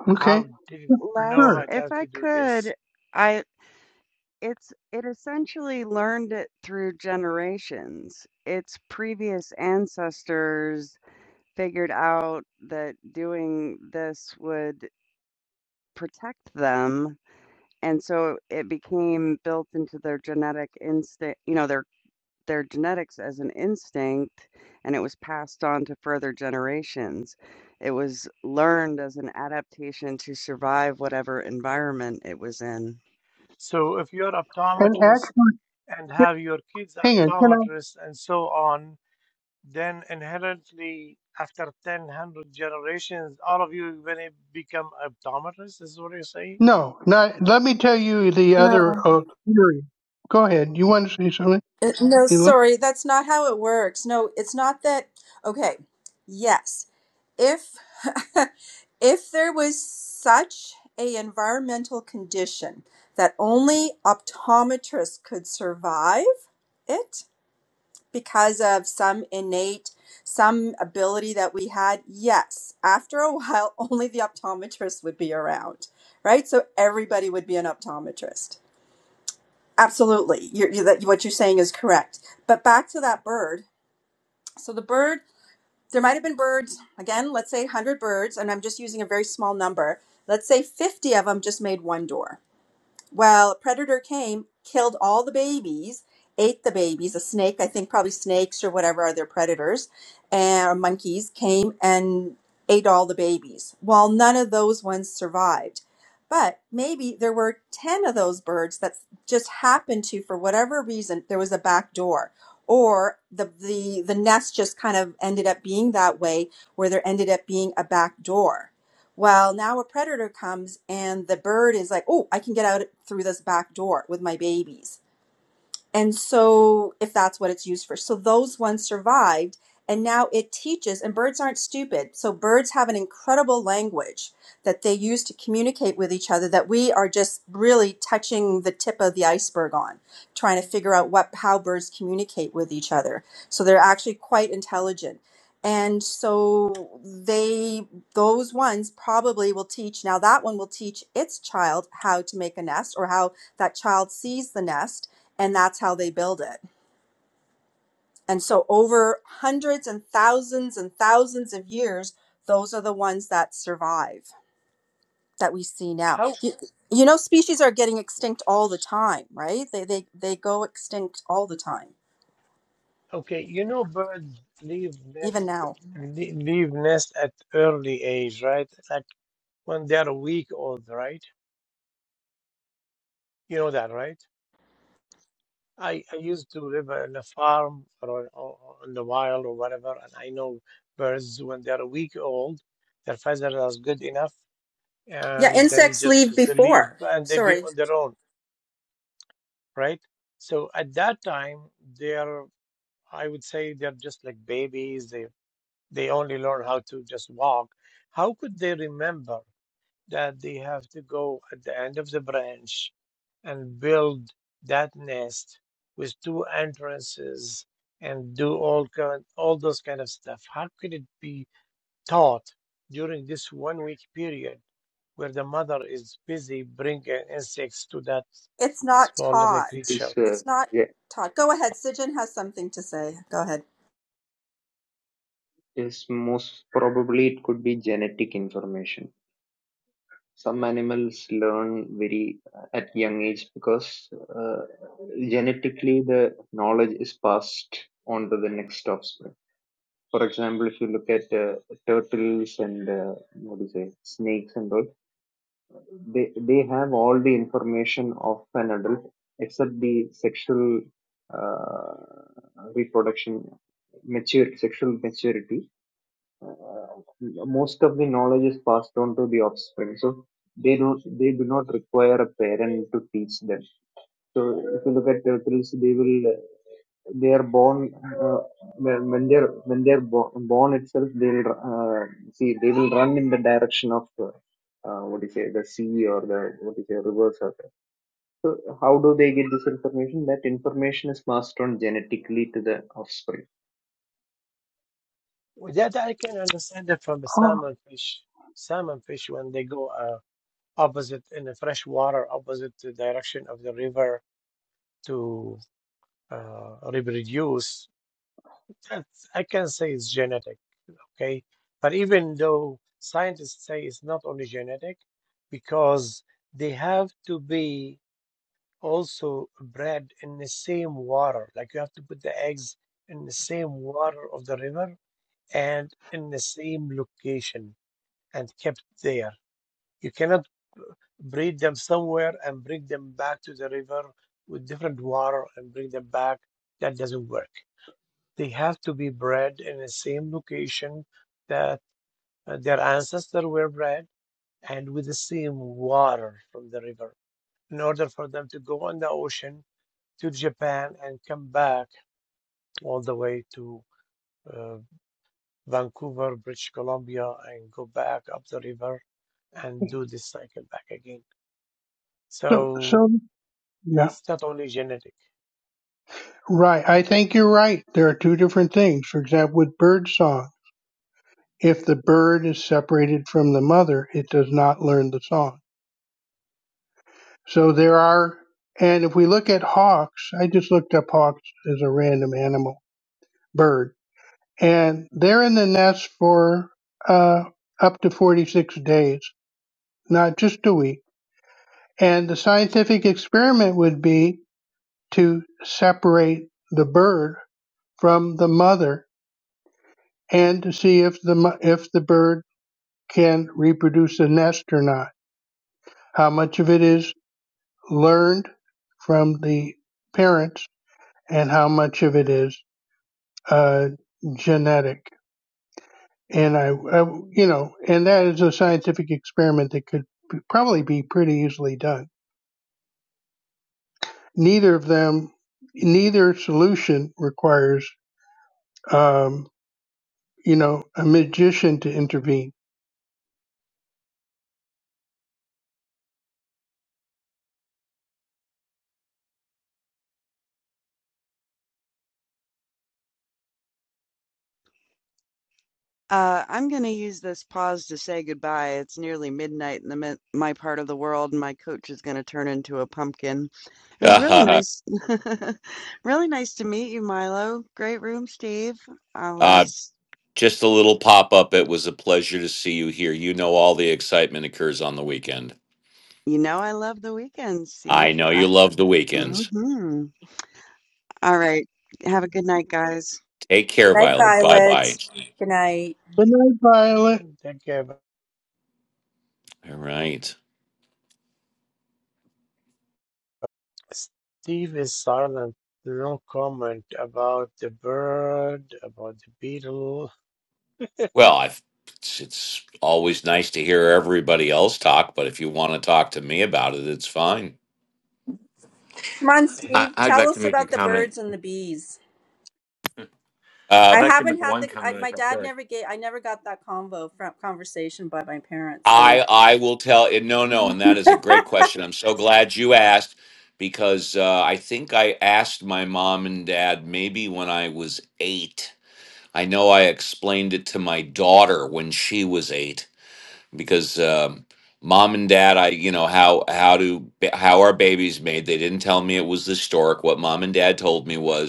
G: Oh, Okay,
H: how did it know
C: less.
H: how
G: sure.
C: If
H: to
C: I
H: do
C: could,
H: this?
C: I it's it essentially learned it through generations. Its previous ancestors figured out that doing this would protect them and so it became built into their genetic instinct, you know, their their genetics as an instinct, and it was passed on to further generations. It was learned as an adaptation to survive whatever environment it was in.
H: So if you're an
G: And
H: optometrist
G: actually,
H: and have your kids
G: hang on, can I?
H: optometrists and so on, then inherently after 10, 100 generations, all of you when it become optometrists is what you're saying?
G: No, not. Let me tell you the
E: No.
G: other uh, theory. Go ahead. You want to say something,
E: Uh, No,
G: Milo?
E: sorry, that's not how it works. No, it's not that. Okay, yes, if if there was such a environmental condition that only optometrists could survive it because of some innate some ability that we had yes after a while only the optometrist would be around right so everybody would be an optometrist Absolutely. You're, you, that, what you're saying is correct. But back to that bird. So the bird, there might have been birds, again, let's say 100 birds, and I'm just using a very small number. Let's say 50 of them just made one door. Well, a predator came, killed all the babies, ate the babies. A snake, I think, probably snakes or whatever are their predators, and or monkeys came and ate all the babies. Well, none of those ones survived. But maybe there were 10 of those birds that just happened to, for whatever reason, there was a back door. Or the, the, the nest just kind of ended up being that way where there ended up being a back door. Well, now a predator comes and the bird is like, oh, I can get out through this back door with my babies. And so, if that's what it's used for, so those ones survived. And now it teaches, and birds aren't stupid. So, birds have an incredible language that they use to communicate with each other that we are just really touching the tip of the iceberg on, trying to figure out what, how birds communicate with each other. So, they're actually quite intelligent. And so, they, those ones probably will teach. Now, that one will teach its child how to make a nest or how that child sees the nest and that's how they build it. And so over hundreds and thousands and thousands of years, those are the ones that survive that we see now.
H: How?
E: You, you know, species are getting extinct all the time, right? They, they, they go extinct all the time,
H: Okay, you know birds leave
E: even
H: nest
E: now.
H: leave nest at early age, right? Like when they're a week old, right? You know that, right? I, I used to live in a farm or, or in the wild or whatever, and I know birds when they're a week old, their feathers are good enough,
E: Yeah,
H: and then
E: insects
H: just
E: leave
H: just leave
E: before.
H: and they be
E: Sorry.
H: on their own, right? So at that time, they're I would say they're just like babies. They they only learn how to just walk. How could they remember? that they have to go at the end of the branch and build that nest with two entrances and do all kind, all those kind of stuff. How could it be taught during this one week period where the mother is busy bringing insects to that
E: It's not
H: small little
I: It
E: taught.
I: is
H: creature?
I: uh,
E: It's not
I: ge-
E: taught. Go ahead. Sijin has something to say. Go ahead.
I: is most probably it could be genetic information. Some animals learn very uh, at young age because uh, genetically the knowledge is passed on to the next offspring. For example, if you look at uh, turtles and uh, what do you say, snakes and all, they they have all the information of an adult except the sexual uh, reproduction, mature sexual maturity Uh, most of the knowledge is passed on to the offspring so they do they do not require a parent to teach them so if you look at turtles they will uh, they are born uh, when when they're when they're bo- born itself they'll uh, see they will run in the direction of uh, uh, what do you say the sea or the what do you say rivers or the- so how do they get this information that information is passed on genetically to the offspring
H: With That I can understand it from the salmon fish. Salmon fish when they go uh, opposite in the fresh water, opposite the direction of the river to. uh, reproduce, that's, I can say it's genetic, okay? But even though scientists say it's not only genetic, because they have to be also bred in the same water. Like you have to put the eggs in the same water of the river and in the same location and kept there. You cannot breed them somewhere and bring them back to the river with different water and bring them back. That doesn't work. They have to be bred in the same location that uh, their ancestors were bred and with the same water from the river in order for them to go on the ocean to Japan and come back all the way to uh, Vancouver, British Columbia, and go back up the river and do this cycle back again.
G: So,
H: So
G: so yeah,
H: it's not only genetic.
G: right. I think you're right. There are two different things. For example, with birdsong. If the bird is separated from the mother, it does not learn the song. So there are, and if we look at hawks, I just looked up hawks as a random animal bird, and they're in the nest for uh, up to 46 days, not just a week. And the scientific experiment would be to separate the bird from the mother and to see if the mo- if the bird can reproduce the nest or not. How much of it is learned from the parents and how much of it is uh, genetic. And I, I, you know, and that is a scientific experiment that could probably be pretty easily done. Neither of them, neither solution requires, um, you know, a magician to intervene.
C: Uh, I'm going to use this pause to say goodbye. It's nearly midnight in the mid- my part of the world, and my coach is going to turn into a pumpkin. It was really
A: uh,
C: nice, really nice to meet you, Milo. Great room, Steve. I'll, uh,
A: uh,
C: s-
A: just a little pop up. It was a pleasure to see you here. You know, all the excitement occurs on the weekend.
C: you know, I love the weekend,
A: I
C: Steve.
A: know
C: I-
A: you love the weekends.
C: mhm. All right. Have a good night, guys.
A: Take
E: Good
A: care,
E: night,
A: Violet. Bye
E: Violet.
A: bye.
E: Good night.
G: But not Violet,
H: They, they
A: All right.
H: Steve is silent. No comment about the bird, about the beetle.
A: Well, I've, it's, it's always nice to hear everybody else talk, but if you want to talk to me about it, it's fine.
E: Come on,
B: I,
E: Steve.
B: I'd
E: Tell
B: like to
E: us
B: make a
E: about the
B: comment.
E: birds and the bees.
B: I'd
A: Uh,
E: I
B: like to make
E: haven't had
B: one
E: the. I,
B: comment
E: my
B: if I
E: dad
B: could.
E: never gave. I never got that convo from conversation by my parents. So
A: I I will tell it. No, no, and that is a great question. I'm so glad you asked because uh, I think I asked my mom and dad maybe when I was eight. I know I explained it to my daughter when she was eight because um, mom and dad, I you know how how do how our babies made. They didn't tell me it was historic. What mom and dad told me was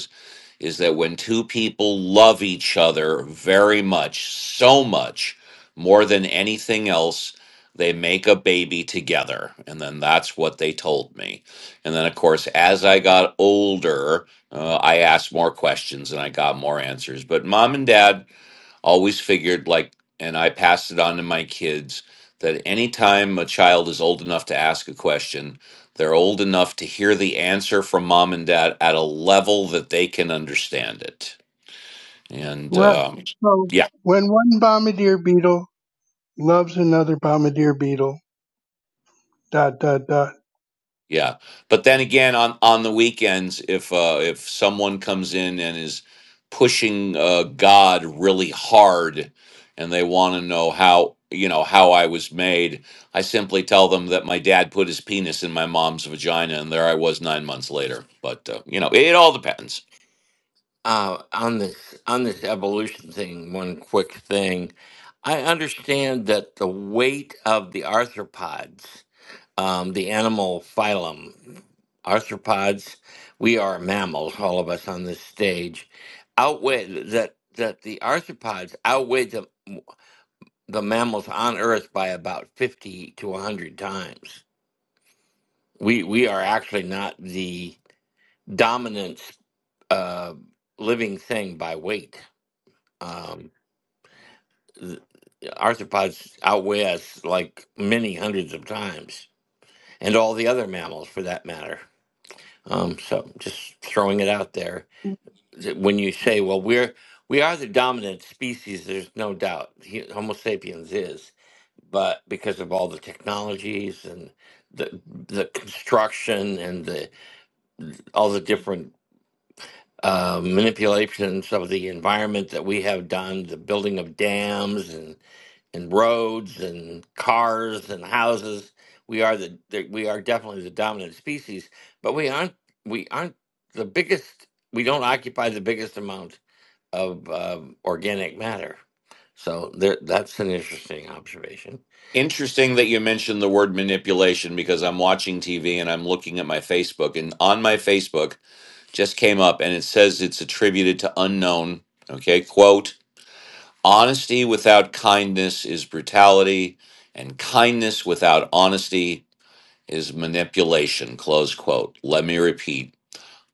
A: is that when two people love each other very much, so much, more than anything else, they make a baby together. And then that's what they told me. And then, of course, as I got older, uh, I asked more questions and I got more answers. But mom and dad always figured like and i passed it on to my kids that anytime a child is old enough to ask a question they're old enough to hear the answer from mom and dad at a level that they can understand it and
G: right?
A: um,
G: So
A: yeah
G: when one bombardier beetle loves another bombardier beetle, dot dot dot
A: Yeah. But then again on on the weekends if uh if someone comes in and is pushing uh God really hard and they want to know how you know how I was made, I simply tell them that my dad put his penis in my mom's vagina and there I was 9 months later. But uh, you know, it all depends.
B: Uh, on this on this evolution thing, one quick thing. I understand that the weight of the arthropods, um, the animal phylum, arthropods, we are mammals, all of us on this stage, outweigh that that the arthropods outweigh the. the mammals on Earth by about 50 to 100 times. We, we are actually not the dominant uh, living thing by weight. Um, th- arthropods outweigh us like many hundreds of times, and all the other mammals for that matter. Um, so just throwing it out there. that when you say, well, we're we are the dominant species, there's no doubt. He, Homo sapiens is, but because of all the technologies and the the construction and the all the different uh, manipulations of the environment that we have done, the building of dams and and roads and cars and houses, we are the, the we are definitely the dominant species, but we aren't we aren't the biggest. We don't occupy the biggest amount of um, organic matter. So there, that's an interesting observation.
A: Interesting that you mentioned the word manipulation because I'm watching TV and I'm looking at my Facebook and on my Facebook just came up and it says it's attributed to unknown, okay? Quote Honesty without kindness is brutality, and kindness without honesty is manipulation. Close quote. Let me repeat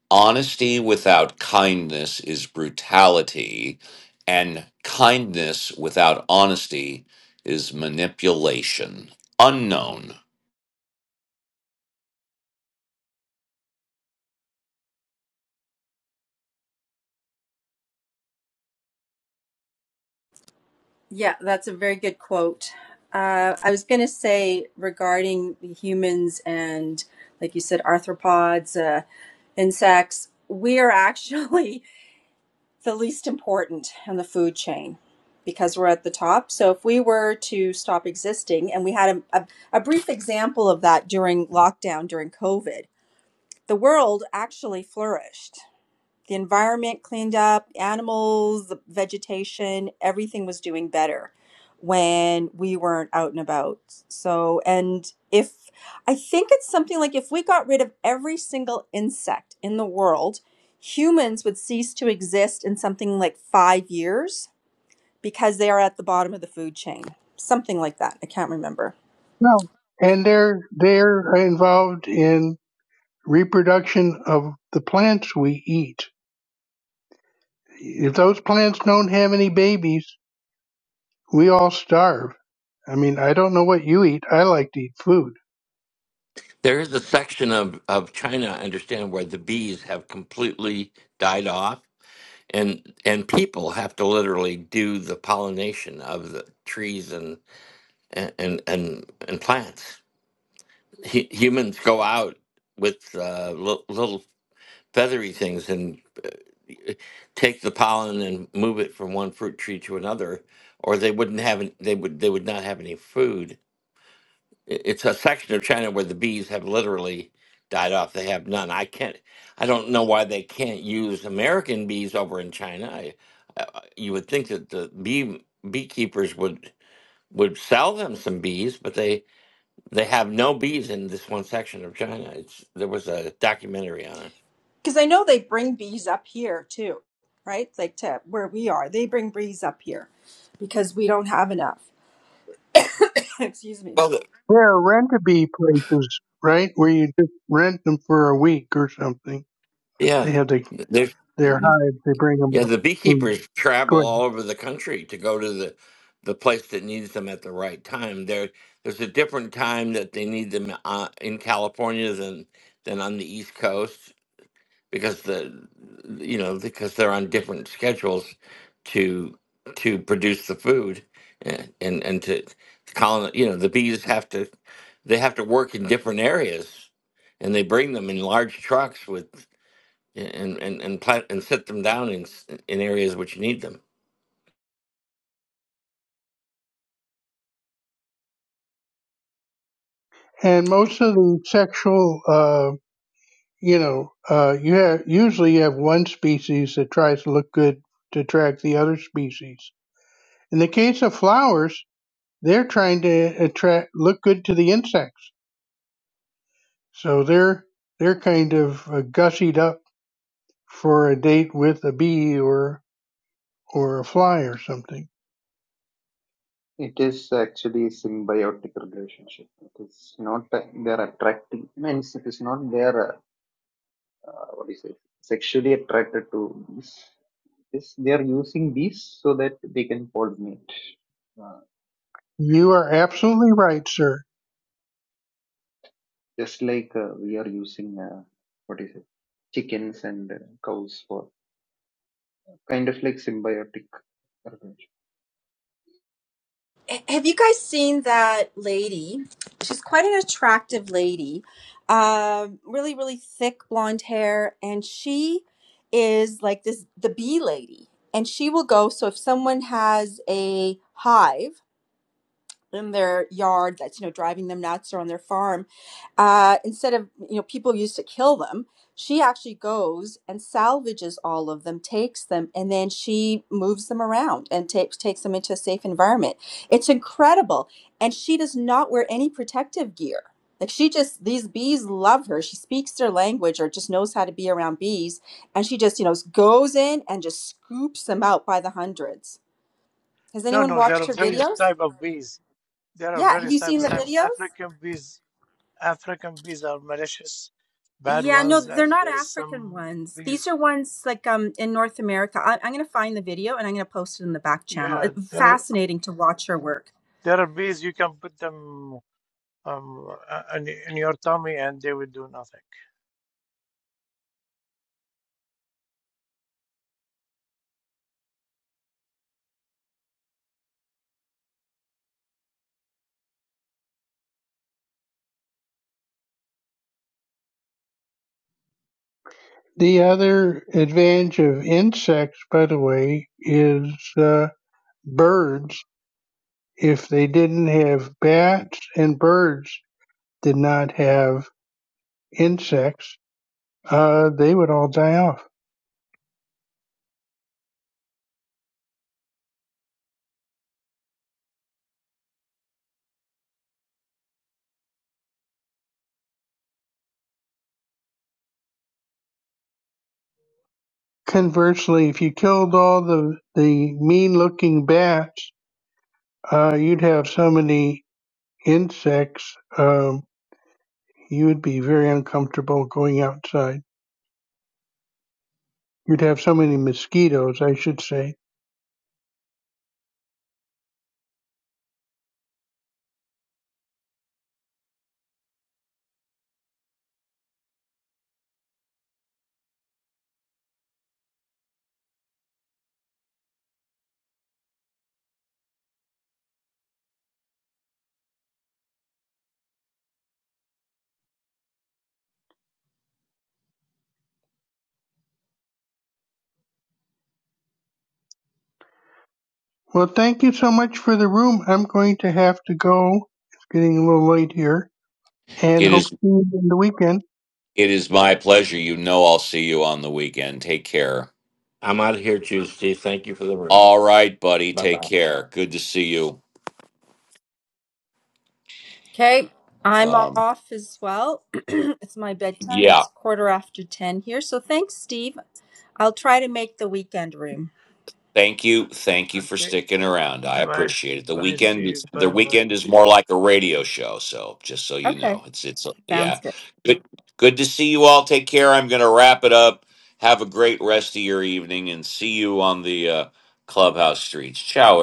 A: honesty without kindness is brutality, and kindness without honesty is manipulation. Unknown.
E: yeah, that's a very good quote. Uh, I was going to say regarding the humans and, like you said, arthropods, uh, insects. We are actually the least important in the food chain because we're at the top. So if we were to stop existing, and we had a, a, a brief example of that during lockdown during COVID, the world actually flourished the environment cleaned up, animals, the vegetation, everything was doing better when we weren't out and about. So, and if I think it's something like if we got rid of every single insect in the world, humans would cease to exist in something like five years because they are at the bottom of the food chain. Something like that. I can't remember.
G: No. And they're they're involved in reproduction of the plants we eat. If those plants don't have any babies, we all starve. I mean, I don't know what you eat. I like to eat food.
B: There is a section of, of China, I understand, where the bees have completely died off, and and people have to literally do the pollination of the trees and and and and, and plants. hu- humans go out with uh, li- little feathery things and eh, take the pollen and move it from one fruit tree to another, or they wouldn't have any, they would they would not have any food. I- It's a section of China where the bees have literally died off. They have none. I can't. I don't know why they can't use American bees over in China. I, I, you would think that the bee beekeepers would would sell them some bees, but they they have no bees in this one section of China. It's there was a documentary on it.
E: Because I know they bring bees up here too, right? Like to where we are, they bring bees up here because we don't have enough. Excuse me.
B: Well, the,
G: There are rent-a-bee places, right, where you just rent them for a week or something. They
B: yeah.
G: have the,
B: There's
G: their hives. They bring them
B: yeah,
G: up.
B: the
G: Mm,
B: beekeepers
G: Go
B: travel
G: ahead.
B: all over the country to go to the the place that needs them at the right time. There there's a different time that they need them uh, in California than than on the East Coast. because the you know because they're on different schedules to to produce the food and and, and to colon you know the bees have to they have to work in different areas and they bring them in large trucks with and and and plant and set them down in s- in areas which need them
G: And most of the sexual uh, you know, uh, you have usually you have one species that tries to look good to attract the other species. In the case of flowers, they're trying to attract look good to the insects, so they're they're kind of uh, gussied up for a date with a bee or or a fly or something.
I: It is actually a symbiotic relationship. It is not that they are attracting. Means it is not they are uh, what is it? Sexually attracted to bees. It's, they are using bees so that they can pollinate. Uh,
G: You are absolutely right, sir.
I: just like uh, we are using uh, what is it? Chickens and uh, cows for kind of like symbiotic.
E: Have you guys seen that lady? She's quite an attractive lady. Um, really, really thick blonde hair, and she is like this the bee lady. And she will go. So if someone has a hive, in their yard that's you know driving them nuts or on their farm uh, instead of you know people used to kill them she actually goes and salvages all of them takes them and then she moves them around and takes takes them into a safe environment it's incredible and she does not wear any protective gear like she just these bees love her she speaks their language or just knows how to be around bees and she just you know goes in and just scoops them out by the hundreds has
H: No,
E: anyone
H: no, there
E: watched
H: are
E: her
H: various
E: videos
H: type of bees. There are
E: yeah have you
H: various type
E: seen the
H: of bees.
E: videos
H: African bees, African bees are malicious, bad
E: Yeah, no,
H: ones,
E: they're
H: and
E: not
H: there's
E: African
H: some
E: ones. These
H: bees.
E: are ones like um in North America. I, I'm gonna find the video and I'm gonna post it in the back channel.
H: Yeah,
E: It's
H: there are,
E: fascinating to watch her work.
H: there are bees you can put them um uh, in, in your tummy and they will do nothing.
G: The other advantage of insects, by the way, is uh, birds. If they didn't have bats and birds, did not have insects, uh, they would all die off. Conversely, if you killed all the, the mean looking bats, uh, you'd have so many insects, um, you would be very uncomfortable going outside. You'd have so many mosquitoes, I should say. Well, thank you so much for the room. I'm going to have to go. It's getting a little late here and
A: It
G: hope to
A: is.
G: see you in the weekend.
A: It is my pleasure. You know I'll see you on the weekend. Take care.
B: i'm out of here too steve thank you for the room
A: All right, buddy.
B: bye
A: Take
B: bye
A: care. Good to see you.
E: Okay, I'm
A: Um,
E: off as well. it's my bedtime.
A: yeah.
E: It's quarter after ten here. So thanks, Steve. I'll try to make the weekend room.
A: Thank you, thank you for
H: Okay,
A: sticking around. I
H: bye,
A: appreciate it. The
H: bye,
A: weekend,
H: Steve.
A: is- the
H: Bye, bye.
A: weekend is more like a radio show. So just so you know,
E: Okay,
A: it's it's
E: sounds
A: yeah,
E: good.
A: good good to see you all. Take care. I'm gonna wrap it up. Have a great rest of your evening, and see you on the uh, clubhouse streets. Ciao,